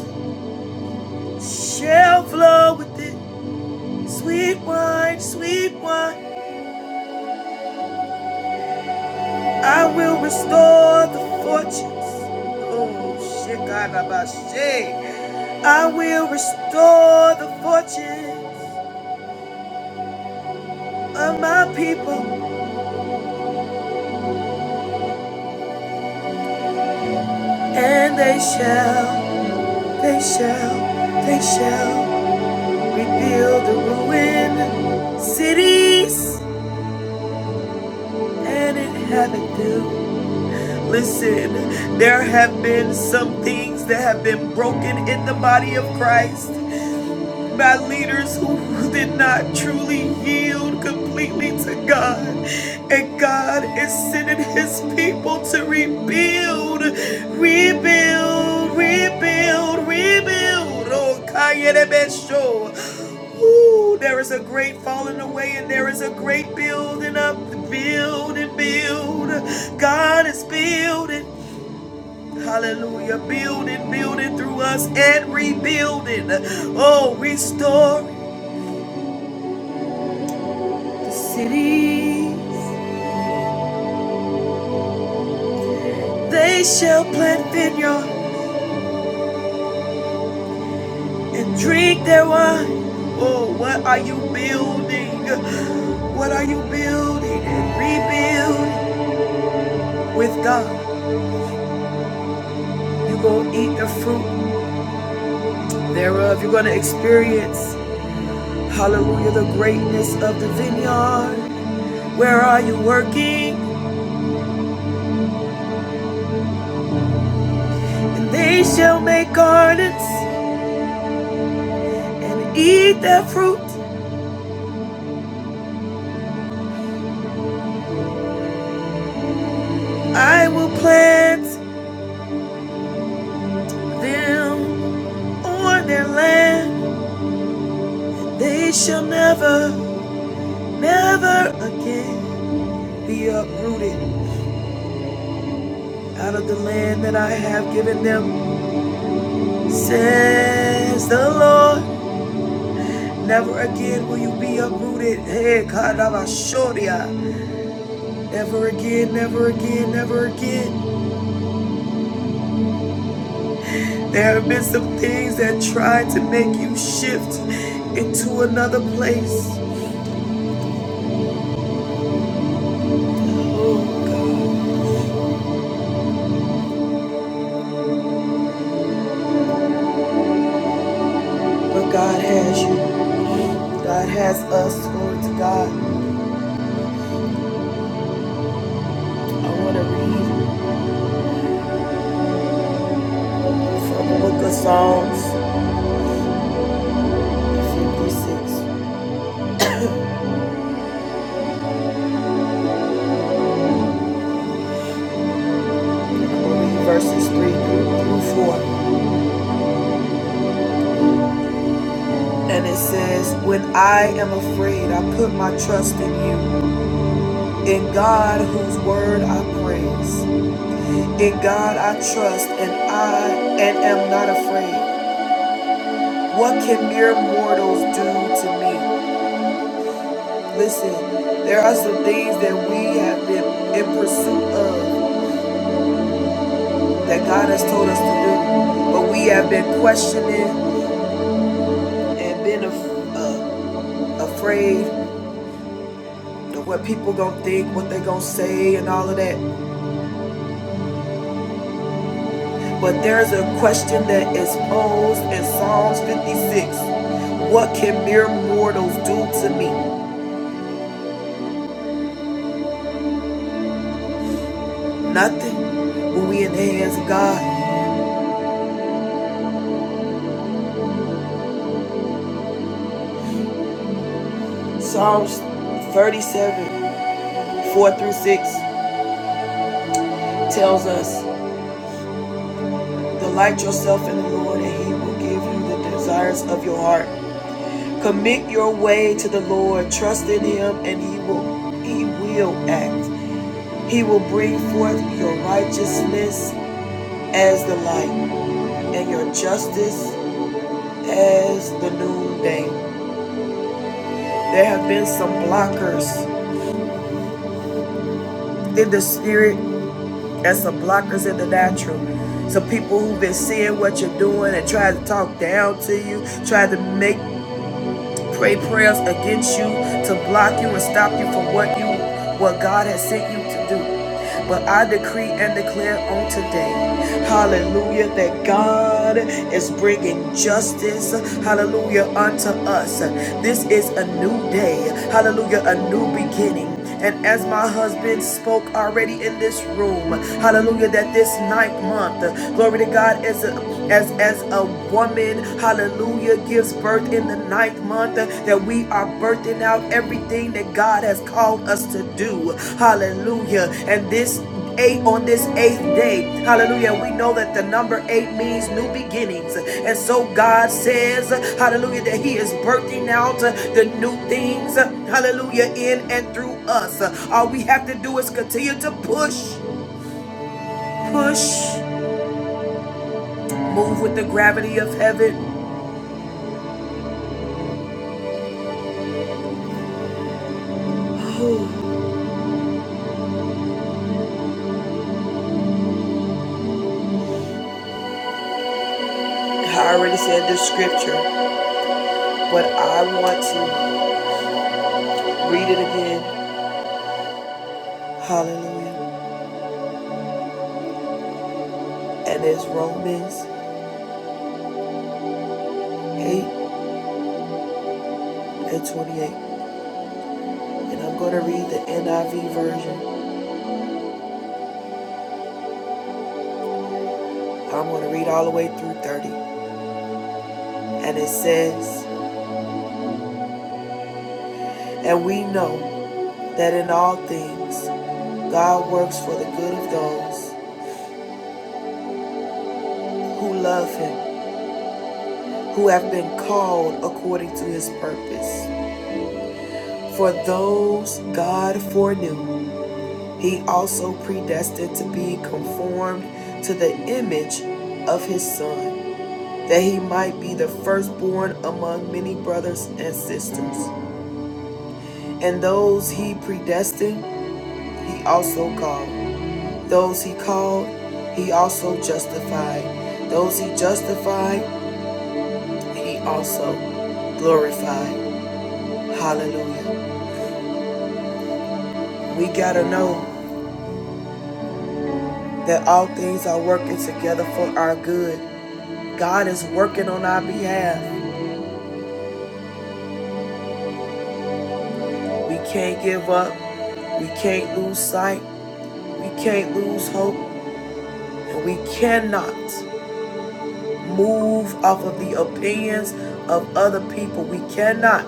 Speaker 1: shall flow with it. Sweet wine, sweet wine. I will restore the fortunes. Oh, shikadabashe. I will restore the fortunes of my people, and they shall, they shall, they shall rebuild the ruined cities and inhabit them. Listen, there have been some things that have been broken in the body of Christ. by leaders who did not truly yield completely to God. And God is sending his people to rebuild, rebuild, rebuild, rebuild. Oh, Kayerebesho. Ooh, there is a great falling away and there is a great building up. Build and build. God is building. Hallelujah. Building, building through us and rebuilding. Oh, restore. cities. They shall plant vineyard and drink their wine. Oh, what are you building? What are you building and rebuilding with God? You're going to eat the fruit thereof. You're going to experience, hallelujah, the greatness of the vineyard. Where are you working? And they shall make gardens and eat their fruit. I will plant them on their land They shall never, never again be uprooted out of the land that I have given them, says the Lord. Never again will you be uprooted. Hey, Kadabashoria. Never again, never again, never again. There have been some things that tried to make you shift into another place. But God has you. God has us. Glory to God. I want to read from the book of Psalms verses 3 through 4. And it says, When I am afraid, I put my trust in you, in God whose word I praise. In God I trust, and I and am not afraid. What can mere mortals do to me? Listen, there are some things that we have been in pursuit of that God has told us to do, but we have been questioning and been af- uh, afraid what people gonna think, what they gonna say, and all of that. But there's a question that is posed in Psalms 56. What can mere mortals do to me? Nothing. When we in the hands of God. Psalms 37, 4 through 6 tells us, Delight yourself in the Lord, and he will give you the desires of your heart. Commit your way to the Lord, trust in him, and he will he will act. He will bring forth your righteousness as the light and your justice as the noonday. There have been some blockers in the spirit and some blockers in the natural. Some people who've been seeing what you're doing and trying to talk down to you, trying to make pray prayers against you to block you and stop you from what you what God has sent you to do. But I decree and declare on today, hallelujah, that God is bringing justice, hallelujah, unto us. This is a new day, hallelujah, a new beginning. And as my husband spoke already in this room, hallelujah, that this ninth month, glory to God, as a as as a woman, hallelujah, gives birth in the ninth month, that we are birthing out everything that God has called us to do. Hallelujah. And this eight on this eighth day. Hallelujah. We know that the number eight means new beginnings. And so God says, hallelujah, that He is birthing out uh, the new things, uh, hallelujah, in and through us. Uh, All we have to do is continue to push, push, move with the gravity of heaven. Ooh. I already said the scripture, but I want to read it again. Hallelujah. And it's Romans 8 and 28. and I'm going to read the NIV version. I'm going to read all the way through 30. And it says, And we know that in all things God works for the good of those who love him, who have been called according to his purpose. For those God foreknew, he also predestined to be conformed to the image of his son, that he might be the firstborn among many brothers and sisters. And those he predestined, he also called. Those he called, he also justified. Those he justified, he also glorified. Hallelujah. We got to know that all things are working together for our good. God is working on our behalf. We can't give up. We can't lose sight. We can't lose hope. And we cannot move off of the opinions of other people. We cannot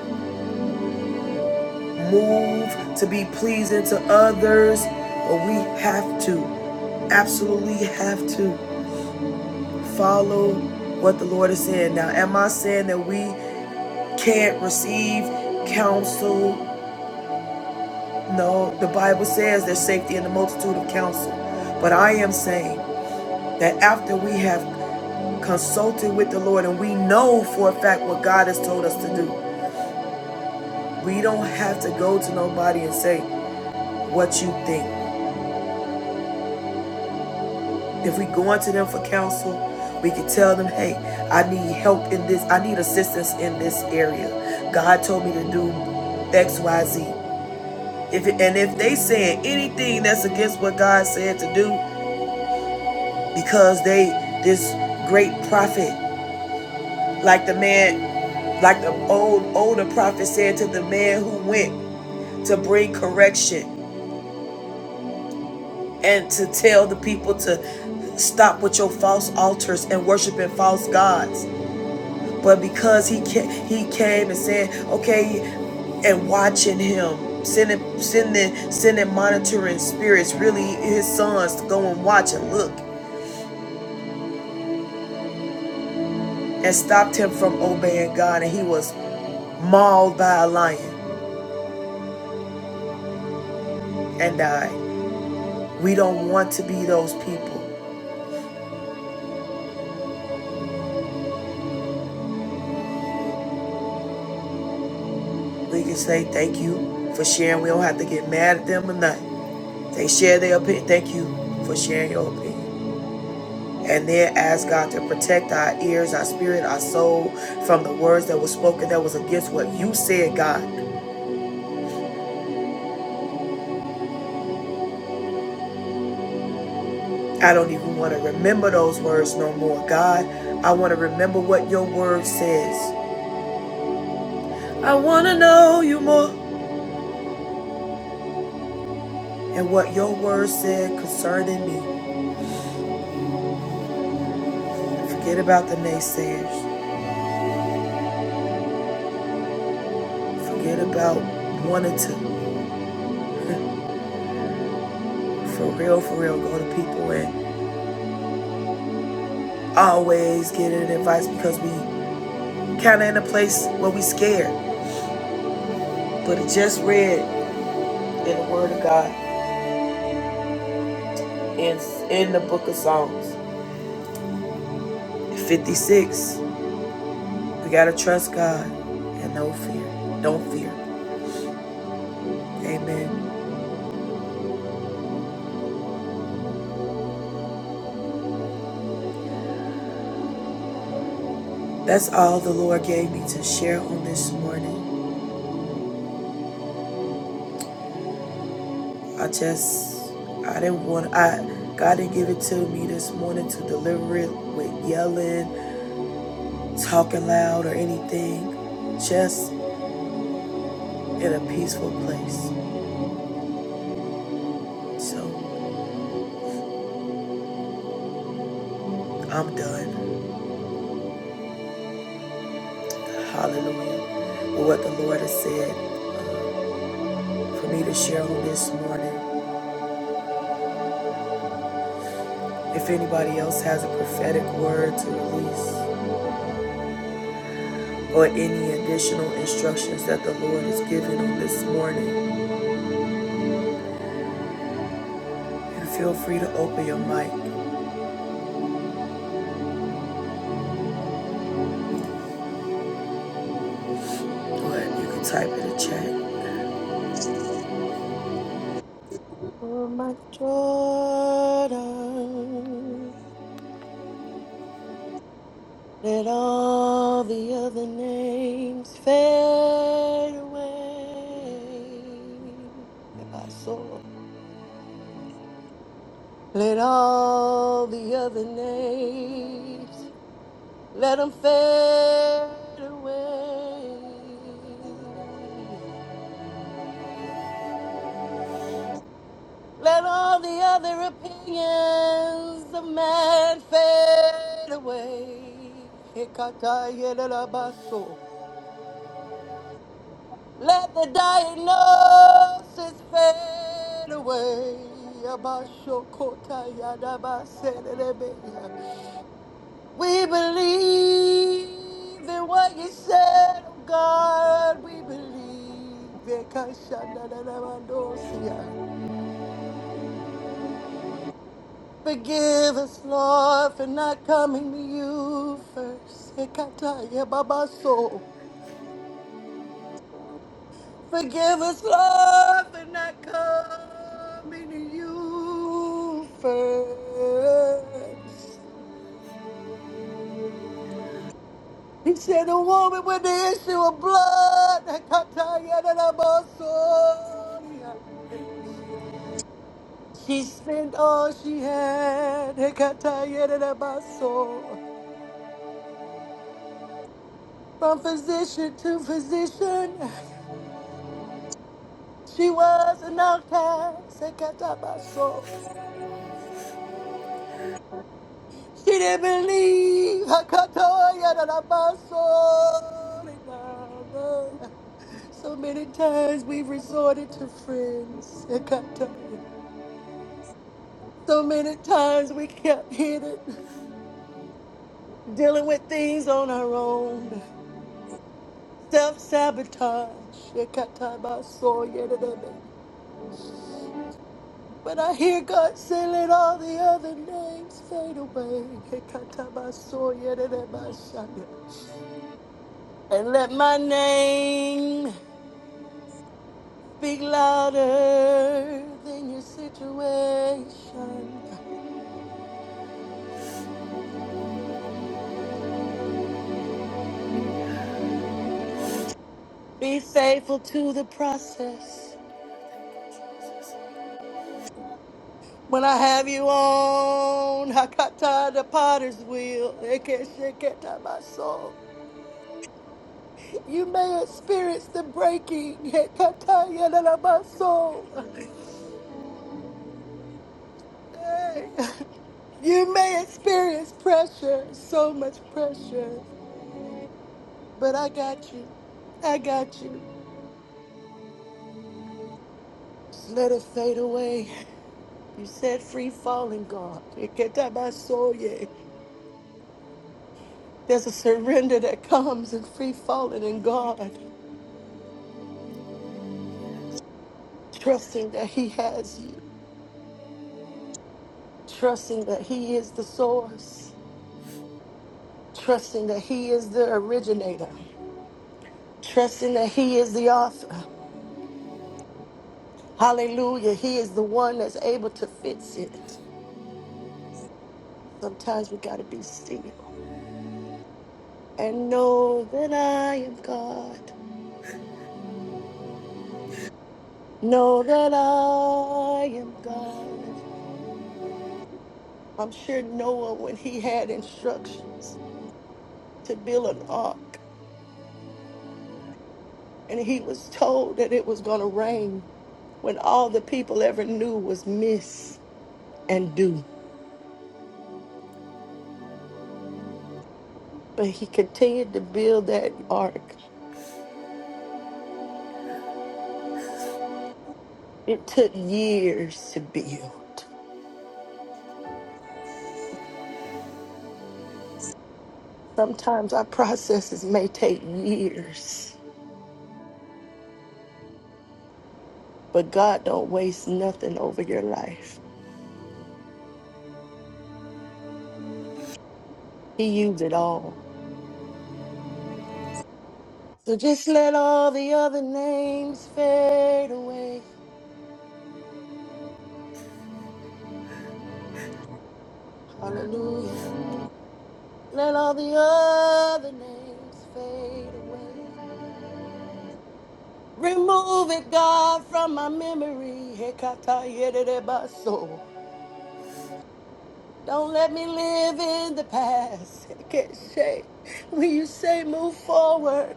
Speaker 1: move to be pleasing to others, but we have to, absolutely have to follow what the Lord is saying. Now, am I saying that we can't receive counsel? No, the Bible says there's safety in the multitude of counsel. But I am saying that after we have consulted with the Lord and we know for a fact what God has told us to do, we don't have to go to nobody and say what you think. If we go into them for counsel, we can tell them, hey, I need help in this, I need assistance in this area. God told me to do X, Y, Z. If it, and if they saying anything that's against what God said to do, because they this great prophet, like the man, like the old older prophet said to the man who went to bring correction and to tell the people to stop with your false altars and worshiping false gods But because he ca- he came and said, okay, and watching him, sending sending sending monitoring spirits, really his sons to go and watch and look, and stopped him from obeying God, and he was mauled by a lion and died. We don't want to be those people. We can say thank you for sharing. We don't have to get mad at them or nothing. They share their opinion. Thank you for sharing your opinion. And then ask God to protect our ears, our spirit, our soul from the words that were spoken that was against what you said, God. I don't even want to remember those words no more, God. I want to remember what your word says. I want to know you more and what your word said concerning me. Forget about the naysayers. Forget about wanting to, for real, for real, go to people and always get an advice because we kind of in a place where we scared. But it just read in the Word of God, in in the Book of Psalms. 56. We gotta trust God and no fear. Don't fear. Amen. That's all the Lord gave me to share on this morning. I just I didn't want I God didn't give it to me this morning to deliver it with yelling, talking loud or anything. Just in a peaceful place. So I'm done. Hallelujah. With what the Lord has said. for me to share on this morning. If anybody else has a prophetic word to release or any additional instructions that the Lord is giving on this morning, you feel free to open your mic. or you can type in the chat.
Speaker 2: For my Jordan. Let all the other names fade away. If I saw, let all the other names, let them fade away. Let all the other opinions of man fade away. Hekata Let the diagnosis fade away. Abashokotayadabaselelebe. We believe in what you said, oh God. We believe. Ekashandadadabandosia. Forgive us, Lord, for not coming to you first. Ekatayababaso. Forgive us, Lord, for not coming to you first. He said, "A woman with the issue of blood, Hekatayedadabasoria. she spent all she had, Hekatayedadabaso. from physician to physician. She was an outcast, Hekatabaso. She didn't believe. Hakatoya da da ba so So many times we resorted to friends. Hakatoya. So many times we kept hidden, dealing with things on our own. Self sabotage. But I hear God say, let all the other names fade away. Hekatabasoya And let my name. Speak louder than your situation. Be faithful to the process. When I have you on, I got tired of potter's wheel. It can't shake it out my soul. You may experience the breaking. It got tired of my soul. Hey, you may experience pressure, so much pressure, but I got you. I got you. Just let it fade away. You said free falling, God. Iketabasoye. There's a surrender that comes in free falling in God, trusting that He has you, trusting that He is the source, trusting that He is the originator, trusting that He is the author. Hallelujah. He is the one that's able to fix it. Sometimes we got to be still and know that I am God. Know that I am God. I'm sure Noah, when he had instructions to build an ark and he was told that it was going to rain, when all the people ever knew was miss and do. But he continued to build that ark. It took years to build. Sometimes our processes may take years, but God don't waste nothing over your life. He used it all. So just let all the other names fade away. Hallelujah. Let all the other names fade away. Remove it, God, from my memory. Hekata yererebaso. Don't let me live in the past. [laughs] Hekeshe. When you say move forward,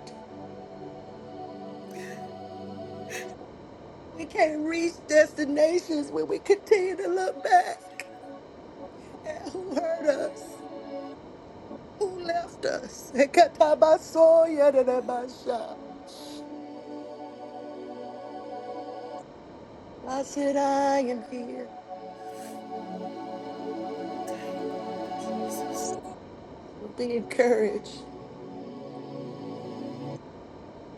Speaker 2: we can't reach destinations when we continue to look back at who hurt us, who left us. Hekatabaso yererebasha. I said, I am here. So be encouraged.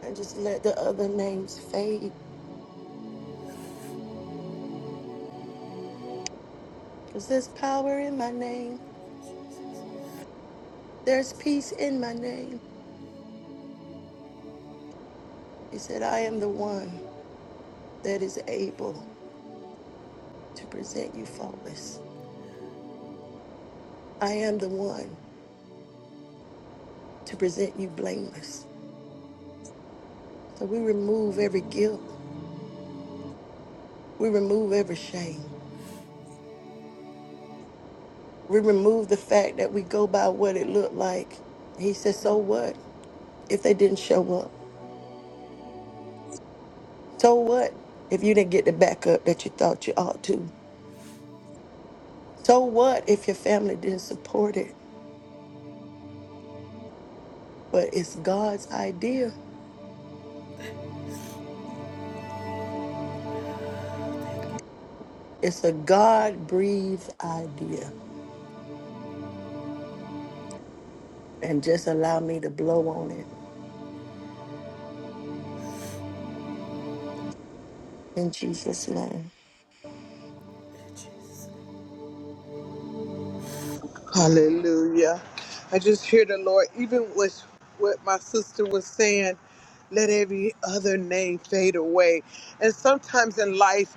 Speaker 2: and just let the other names fade. Because there's power in my name, there's peace in my name. He said, I am the one that is able to present you faultless. I am the one to present you blameless. So we remove every guilt, we remove every shame, we remove the fact that we go by what it looked like. He said, So what if they didn't show up? So what if you didn't get the backup that you thought you ought to? So what if your family didn't support it? but it's God's idea. It's a God breathed idea. And just allow me to blow on it in Jesus' name.
Speaker 3: Hallelujah. I just hear the Lord, even with what my sister was saying, let every other name fade away. And sometimes in life,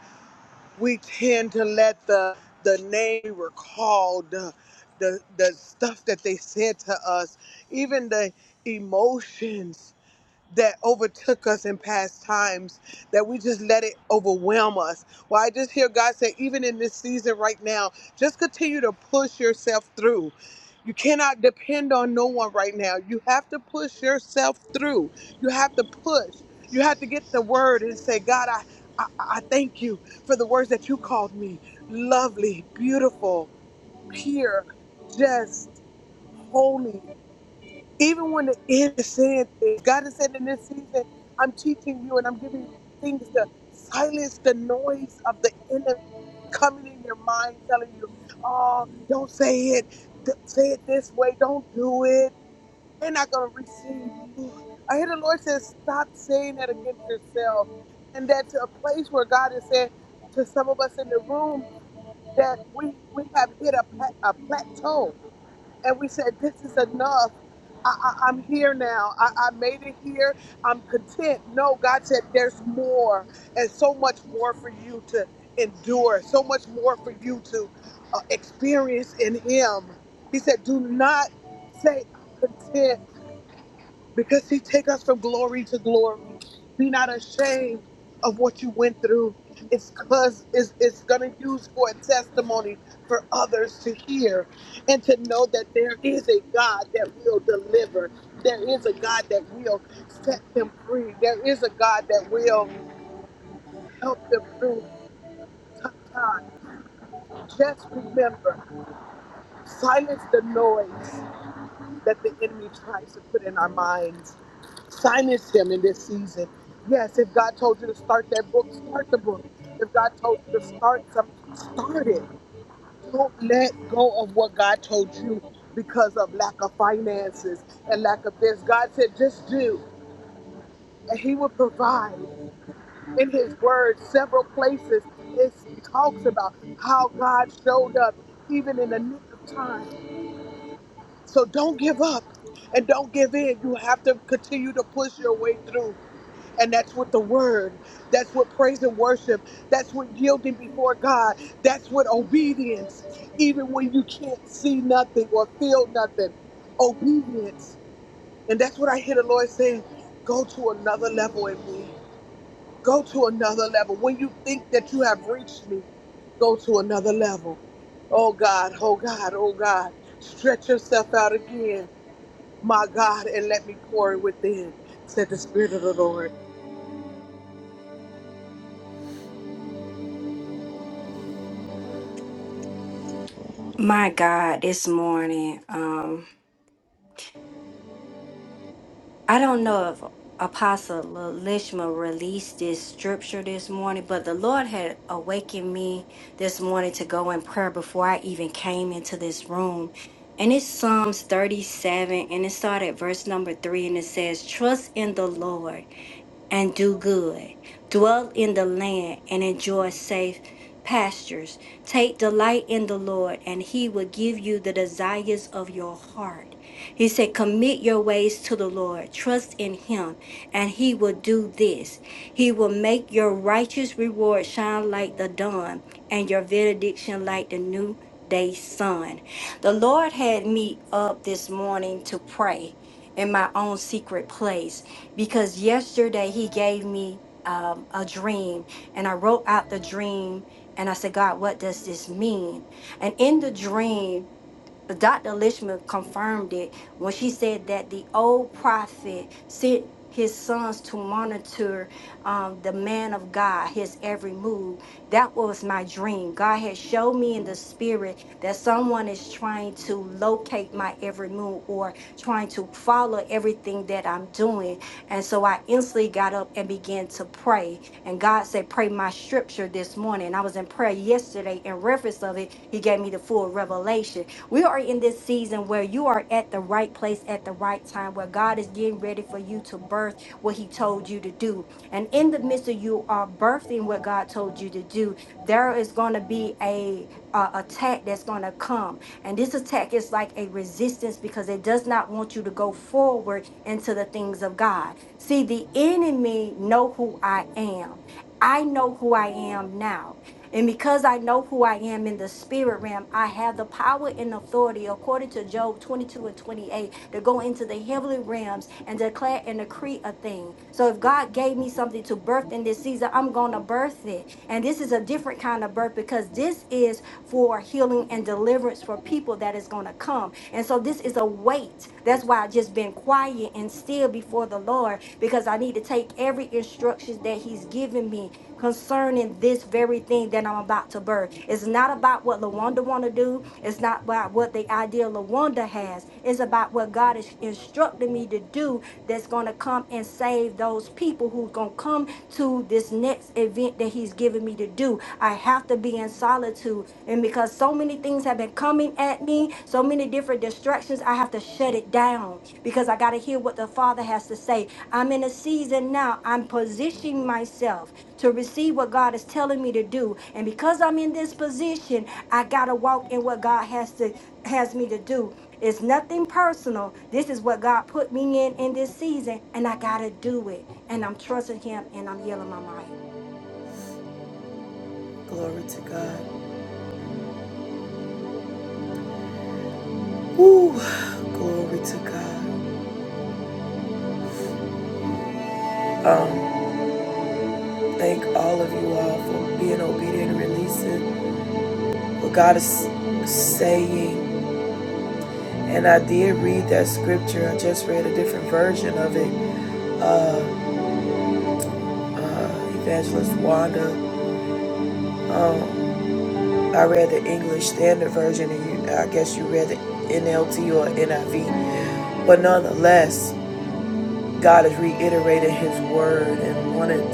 Speaker 3: we tend to let the the name we were called, the, the the stuff that they said to us, even the emotions that overtook us in past times, that we just let it overwhelm us. Well, I just hear God say, even in this season right now, just continue to push yourself through. You cannot depend on no one right now. You have to push yourself through. You have to push. You have to get the word and say, God, I, I, I thank you for the words that you called me lovely, beautiful, pure, just, holy even when the innocent things, God has said in this season, I'm teaching you and I'm giving you things to silence the noise of the enemy coming in your mind, telling you, oh, don't say it, D- say it this way, don't do it. They're not going to receive you. I hear the Lord says, stop saying that against yourself. And that to a place where God is saying to some of us in the room that we, we have hit a, pa- a plateau and we said, This is enough. I, I, I'm here now. I, I made it here. I'm content. No, God said, There's more, and so much more for you to endure, so much more for you to uh, experience in Him. He said, Do not say, I'm content because he take us from glory to glory. Be not ashamed of what you went through. It's cause it's, it's gonna use for a testimony for others to hear and to know that there is a God that will deliver. There is a God that will set them free. There is a God that will help them through tough times. Just remember, silence the noise that the enemy tries to put in our minds Silence him in this season. Yes, if God told you to start that book, start the book. If God told you to start some, start it. Don't let go of what God told you because of lack of finances and lack of this. God said, just do, and He will provide. In His Word, several places, it talks about how God showed up even in the nick of time. So don't give up and don't give in. You have to continue to push your way through. And that's what the word, that's what praise and worship, that's what yielding before God, that's what obedience, even when you can't see nothing or feel nothing, obedience. And that's what I hear the Lord saying go to another level in me. Go to another level. When you think that you have reached me, go to another level. Oh God, oh God, oh God, stretch yourself out again, my God, and let me pour within, said the Spirit of the Lord.
Speaker 1: Glory to God. Woo! Glory to God. Thank all of you all for being obedient and releasing what God is saying. And I did read that scripture. I just read a different version of it. Evangelist Wanda I read the English Standard Version, and you, I guess you read the NLT or NIV. But nonetheless, God has reiterated His word and wanted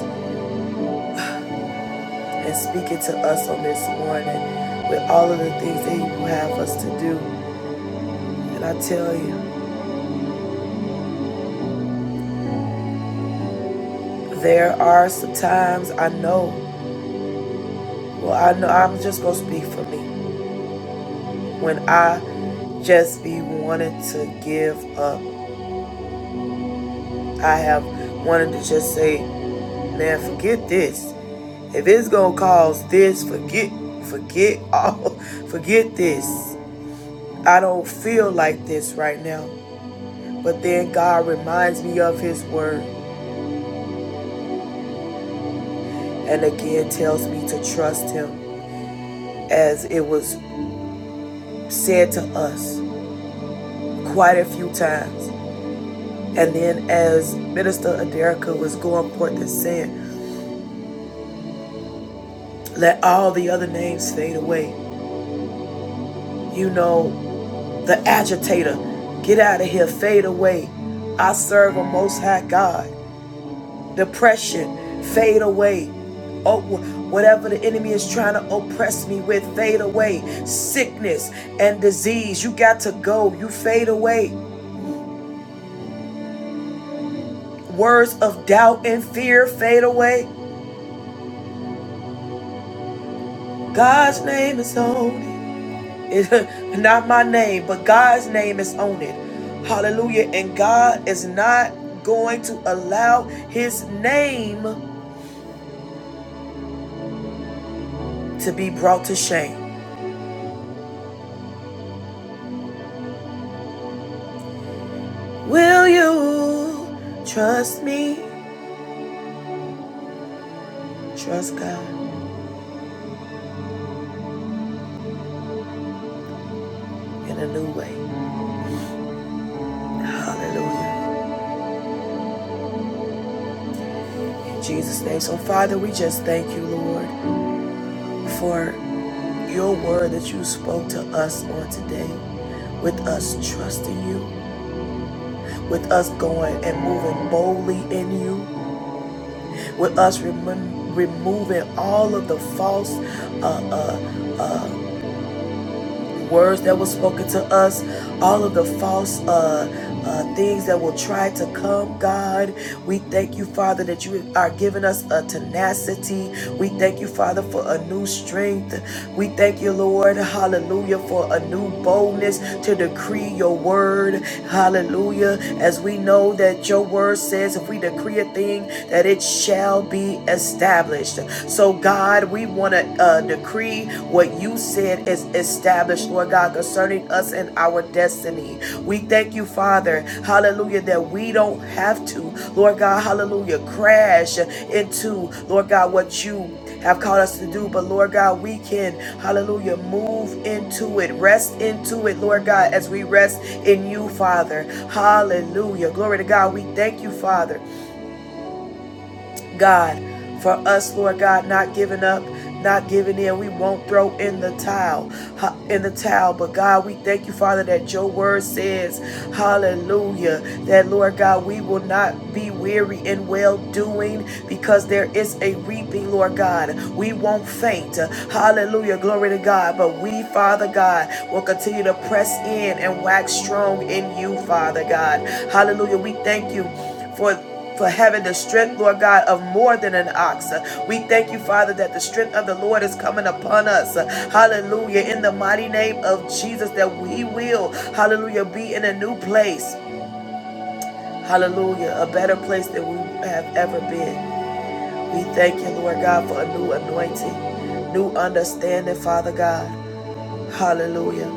Speaker 1: and speaking to us on this morning with all of the things that He will have us to do. And I tell you, there are some times I know. Well, I know I'm just gonna speak for me when I just be wanting to give up. I have wanted to just say, man, forget this. If it's gonna cause this, forget, forget all, [laughs] forget this. I don't feel like this right now. But then God reminds me of His word and again tells me to trust Him as it was said to us quite a few times. And then as Minister Aderica was going forth and saying, let all the other names fade away. You know, the agitator, get out of here, fade away. I serve a most high God. depression fade away oh whatever the enemy is trying to oppress me with fade away sickness and disease you got to go you fade away words of doubt and fear fade away god's name is on it [laughs] It's not my name but god's name is on it hallelujah and god is not going to allow his name to be brought to shame will you trust me Trust God in a new way. Hallelujah. In Jesus' name. So, Father, we just thank you, Lord, for your word that you spoke to us on today, with us trusting you, with us going and moving boldly in you, with us remem- removing all of the false uh, uh, words that were spoken to us, all of the false uh, uh, things that will try to come, God. We thank you, Father, that you are giving us a tenacity. We thank you, Father, for a new strength. We thank you, Lord, hallelujah, for a new boldness to decree your word, hallelujah. As we know that your word says, if we decree a thing, that it shall be established. So, God, God, we want to uh, decree what you said is established, Lord God, concerning us and our destiny. We thank you, Father, hallelujah, that we don't have to, Lord God, hallelujah, crash into, Lord God, what you have called us to do. But Lord God, we can, hallelujah, move into it, rest into it, Lord God, as we rest in you, Father. Hallelujah. Glory to God. We thank you, Father. God, for us, Lord God, not giving up, not giving in. We won't throw in the towel, in the towel. But God, we thank you, Father, that your word says, hallelujah, that Lord God, we will not be weary in well doing because there is a reaping, Lord God. We won't faint. Hallelujah. Glory to God. But we, Father God, will continue to press in and wax strong in you, Father God. Hallelujah. We thank you for for having the strength, Lord God, of more than an ox. We thank you, Father, that the strength of the Lord is coming upon us. Hallelujah. In the mighty name of Jesus, that we will, hallelujah, be in a new place. Hallelujah. A better place than we have ever been. We thank you, Lord God, for a new anointing, new understanding, Father God. Hallelujah.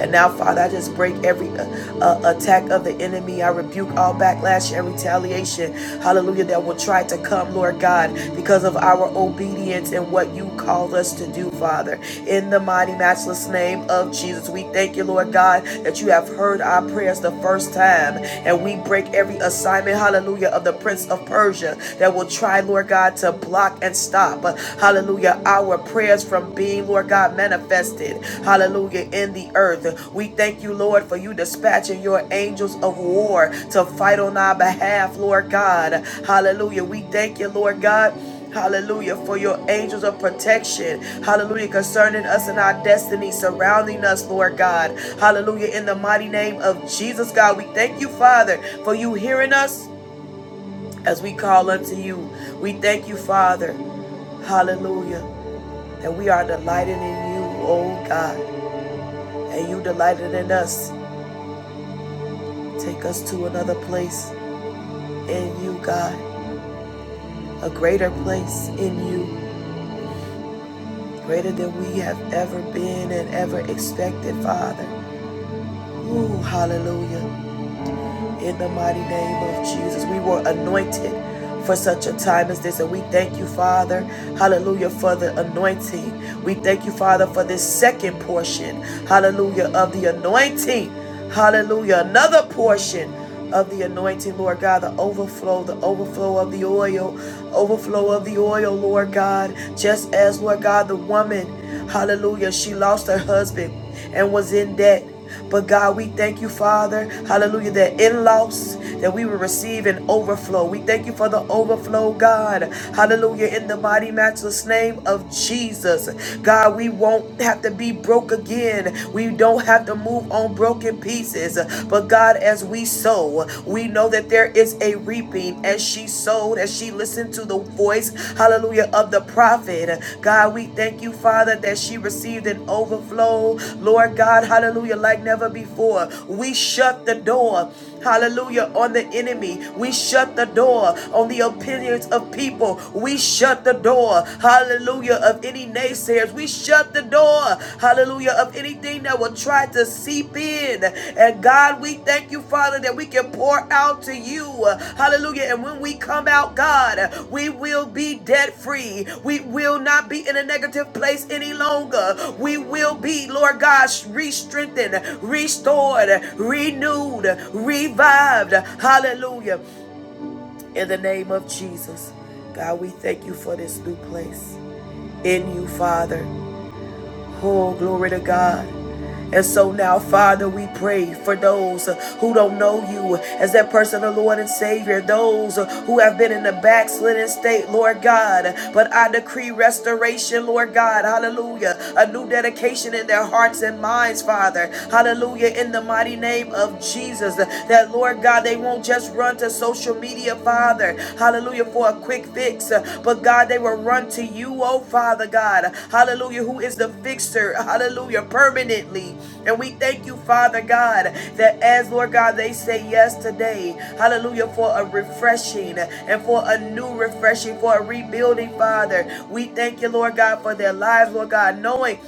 Speaker 1: And now, Father, I just break every uh, uh, attack of the enemy. I rebuke all backlash and retaliation, hallelujah, that will try to come, Lord God, because of our obedience and what you called us to do, Father. In the mighty, matchless name of Jesus, we thank you, Lord God, that you have heard our prayers the first time. And we break every assignment, hallelujah, of the Prince of Persia that will try, Lord God, to block and stop. Hallelujah. Hallelujah. Our prayers from being, Lord God, manifested. Hallelujah. In the earth. We thank you, Lord, for you dispatching your angels of war to fight on our behalf, Lord God. Hallelujah. We thank you, Lord God. Hallelujah. For your angels of protection. Hallelujah. Concerning us and our destiny, surrounding us, Lord God. Hallelujah. In the mighty name of Jesus, God, we thank you, Father, for you hearing us as we call unto you. We thank you, Father. Hallelujah that we are delighted in you, oh God, and you delighted in us. Take us to another place in you, God, a greater place in you, greater than we have ever been and ever expected, Father. Ooh, hallelujah. in the mighty name of Jesus. We were anointed for such a time as this, and we thank you, Father, hallelujah, for the anointing. We thank you, Father, for this second portion, hallelujah, of the anointing, hallelujah, another portion. Of the anointing, Lord God, the overflow, the overflow of the oil, overflow of the oil, Lord God. Just as, Lord God, the woman, hallelujah, she lost her husband and was in debt. But God, we thank you, Father, hallelujah, that in loss, that we will receive an overflow. We thank you for the overflow, God. Hallelujah, in the mighty matchless name of Jesus. God, we won't have to be broke again. We don't have to move on broken pieces. But God, as we sow, we know that there is a reaping as she sowed, as that she listened to the voice, hallelujah, of the prophet. God, we thank you, Father, that she received an overflow. Lord God, hallelujah, like never before. We shut the door. Hallelujah, on the enemy. We shut the door on the opinions of people. We shut the door, hallelujah, of any naysayers. We shut the door, hallelujah of anything that will try to seep in. And God, we thank you, Father, that we can pour out to you. Hallelujah. And when we come out, God, we will be debt free. We will not be in a negative place any longer. We will be, Lord God, re strengthened, restored, renewed, revived. Hallelujah. In the name of Jesus. God, we thank you for this new place in you, Father. Oh, glory to God. And so now, Father, we pray for those uh, who don't know you as that personal Lord and Savior, those uh, who have been in the backslidden state, Lord God. But I decree restoration, Lord God. Hallelujah. A new dedication in their hearts and minds, Father. Hallelujah. In the mighty name of Jesus, that, Lord God, they won't just run to social media, Father. Father. Hallelujah, for a quick fix. But God, they will run to you, oh Father God. Hallelujah, who is the fixer. Hallelujah, permanently. And we thank you, Father God, that as Lord God, they say yes today. Hallelujah, for a refreshing and for a new refreshing, for a rebuilding, Father. We thank you, Lord God, for their lives, Lord God, knowing.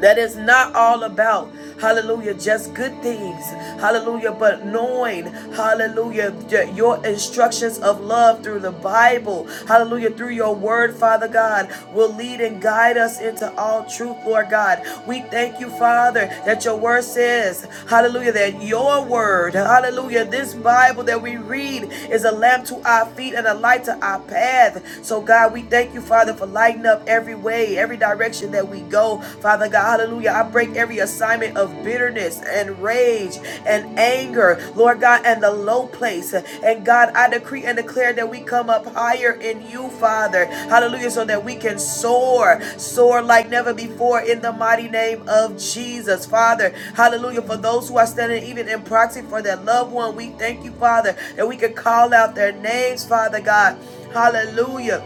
Speaker 1: That is not all about, hallelujah, just good things, hallelujah, but knowing, hallelujah, your instructions of love through the Bible, hallelujah, through your word, Father God, will lead and guide us into all truth, Lord God. We thank you, Father, that your word says, hallelujah, that your word, hallelujah, this Bible that we read is a lamp to our feet and a light to our path. So, God, we thank you, Father, for lighting up everywhere way, every direction that we go. Father God, hallelujah. I break every assignment of bitterness and rage and anger, Lord God, and the low place. And God, I decree and declare that we come up higher in you, Father. Hallelujah. So that we can soar, soar like never before in the mighty name of Jesus, Father. Hallelujah. For those who are standing even in proxy for their loved one, we thank you, Father, that we can call out their names, Father God. Hallelujah.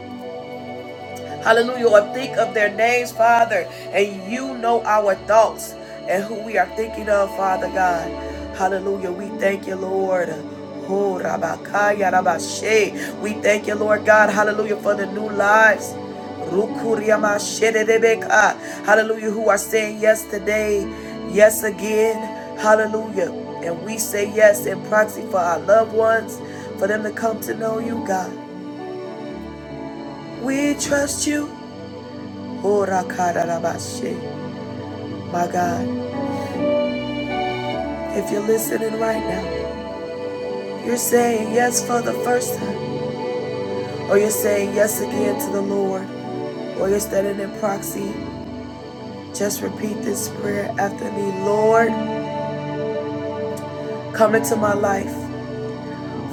Speaker 1: Hallelujah. Or think of their names, Father. And you know our thoughts and who we are thinking of, Father God. Hallelujah. We thank you, Lord. Oh, Rabakaya, Rabashe. We thank you, Lord God. Hallelujah. For the new lives. Rukuriamashedebeka. Hallelujah. Who are saying yes today, yes again. Hallelujah. And we say yes in proxy for our loved ones, for them to come to know you, God. We trust you. Ora kararabashe. My God, if you're listening right now, you're saying yes for the first time, or you're saying yes again to the Lord, or you're standing in proxy, just repeat this prayer after me. Lord, come into my life.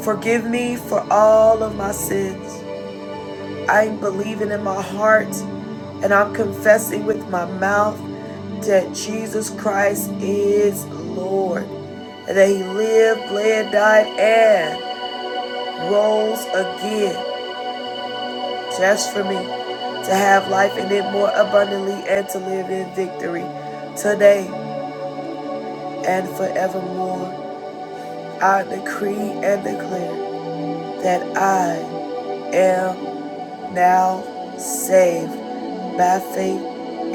Speaker 1: Forgive me for all of my sins. I'm believing in my heart and I'm confessing with my mouth that Jesus Christ is Lord and that he lived, bled, died, and rose again just for me to have life in it more abundantly and to live in victory today and forevermore. I decree and declare that I am now saved by faith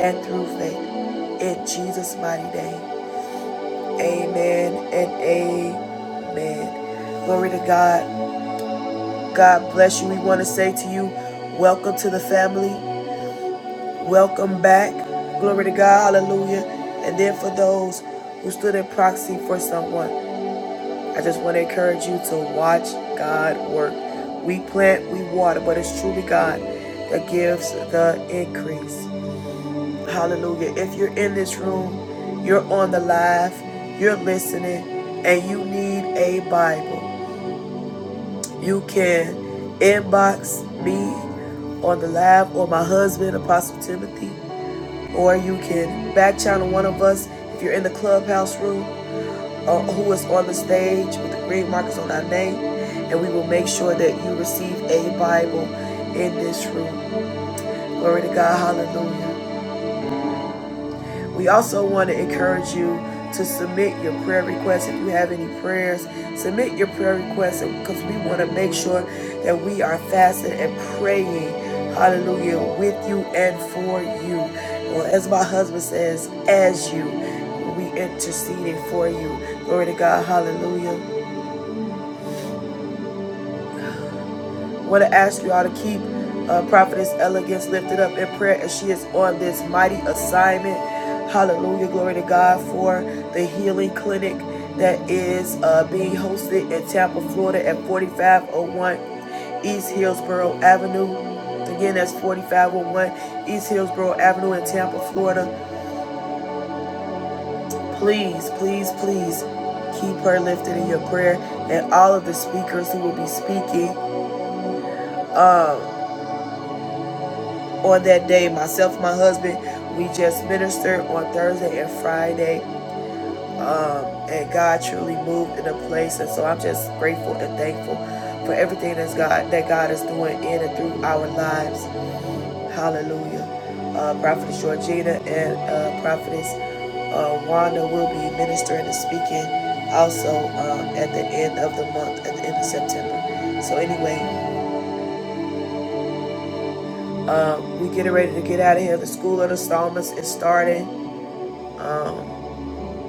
Speaker 1: and through faith in Jesus' mighty name. Amen and amen. Glory to God. God bless you. We want to say to you, welcome to the family. Welcome back. Glory to God. Hallelujah. And then for those who stood in proxy for someone, I just want to encourage you to watch God work. We plant, we water, but it's truly God that gives the increase. Hallelujah. If you're in this room, you're on the live, you're listening, and you need a Bible, you can inbox me on the live or my husband, Apostle Timothy. or you can back channel one of us if you're in the clubhouse room or who is on the stage with the green markers on our name, and we will make sure that you receive a Bible in this room. Glory to God, hallelujah. We also want to encourage you to submit your prayer requests. If you have any prayers, submit your prayer requests because we want to make sure that we are fasting and praying, hallelujah, with you and for you. Well, as my husband says, as you, we interceding for you. Glory to God, hallelujah. I want to ask you all to keep uh, prophetess elegance lifted up in prayer as she is on this mighty assignment hallelujah glory to god for the healing clinic that is uh, being hosted in tampa florida at 4501 east hillsboro avenue again that's 4501 east hillsboro avenue in tampa florida please please please keep her lifted in your prayer and all of the speakers who will be speaking on that day myself and my husband we just ministered on thursday and friday and god truly moved in a place and so i'm just grateful and thankful for everything that's god that god is doing in and through our lives hallelujah uh, prophetess georgina and uh, prophetess uh, wanda will be ministering and speaking also um, at the end of the month at the end of september so anyway um, we getting ready to get out of here the school of the psalmist is starting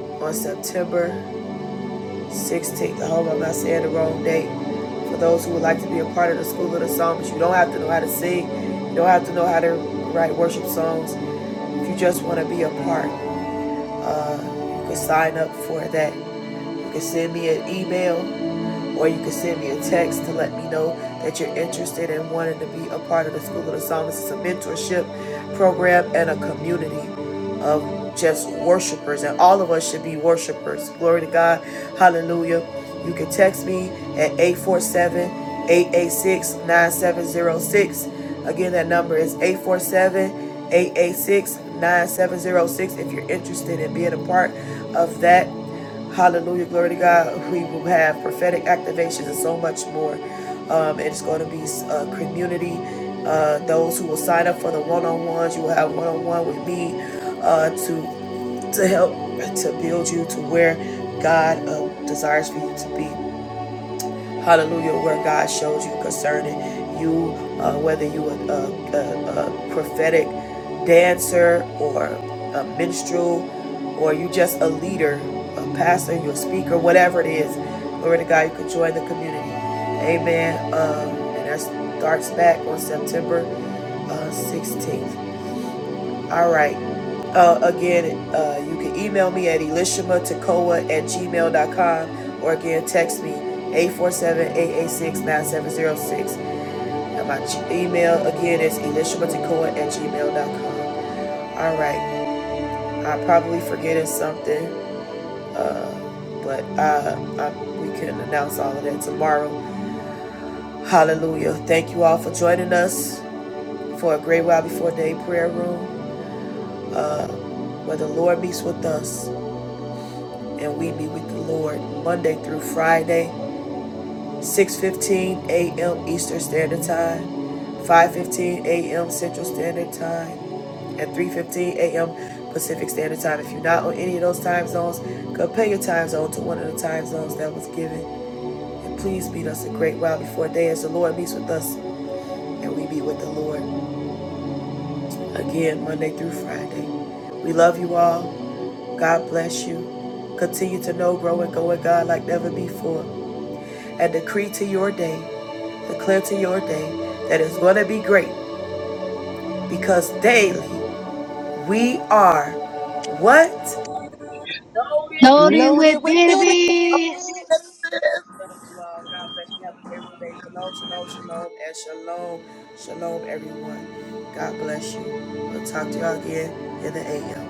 Speaker 1: on september 16th. I hope I'm not saying the wrong date. For those who would like to be a part of the School of the Psalms, you don't have to know how to sing. You don't have to know how to write worship songs. If you just want to be a part, uh, you can sign up for that. You can send me an email or you can send me a text to let me know that you're interested in wanting to be a part of the School of the Psalmist. It's a mentorship program and a community of just worshipers, and all of us should be worshipers. Glory to God. Hallelujah. You can text me at 847 886 9706. Again, that number is 847 886 9706 if you're interested in being a part of that. Hallelujah. Glory to God. We will have prophetic activations and so much more. Um, it's going to be uh, community. Uh, those who will sign up for the one on ones, you will have one on one with me uh, to to help to build you to where God uh, desires for you to be hallelujah, where God shows you concerning you, uh, whether you are a, a, a prophetic dancer or a minstrel or you just a leader, a pastor, you're a speaker, whatever it is. Glory to God, you can join the community. Amen. Um, and that starts back on September uh, 16th. All right. Uh, again, uh, you can email me at elishamatekoa at gmail.com or again text me eight four seven eight eight six nine seven zero six, And my email again is elishamatekoa at gmail.com. All right. I'm probably forgetting something, but uh, I, we can announce all of that tomorrow. Hallelujah. Thank you all for joining us for a great while before day prayer room where the Lord meets with us and we be with the Lord Monday through Friday, 6:15 a.m. Eastern Standard Time, 5:15 a.m. Central Standard Time, and 3:15 a.m. Pacific Standard Time. If you're not on any of those time zones, compare your time zone to one of the time zones that was given. And please meet us a great while before day as the Lord meets with us and we be with the Lord again Monday through Friday. We love you all. God bless you. Continue to know, grow, and go with God like never before. I decree to your day, declare to your day that it's going to be great because daily we are what? Love
Speaker 4: Loaded
Speaker 2: Loaded
Speaker 4: with
Speaker 2: with benefits.
Speaker 4: benefits.
Speaker 1: you all. God bless you. Have a favorable day. Shalom, shalom, shalom, and shalom, shalom, everyone. God bless you. We'll talk to y'all again in the AM.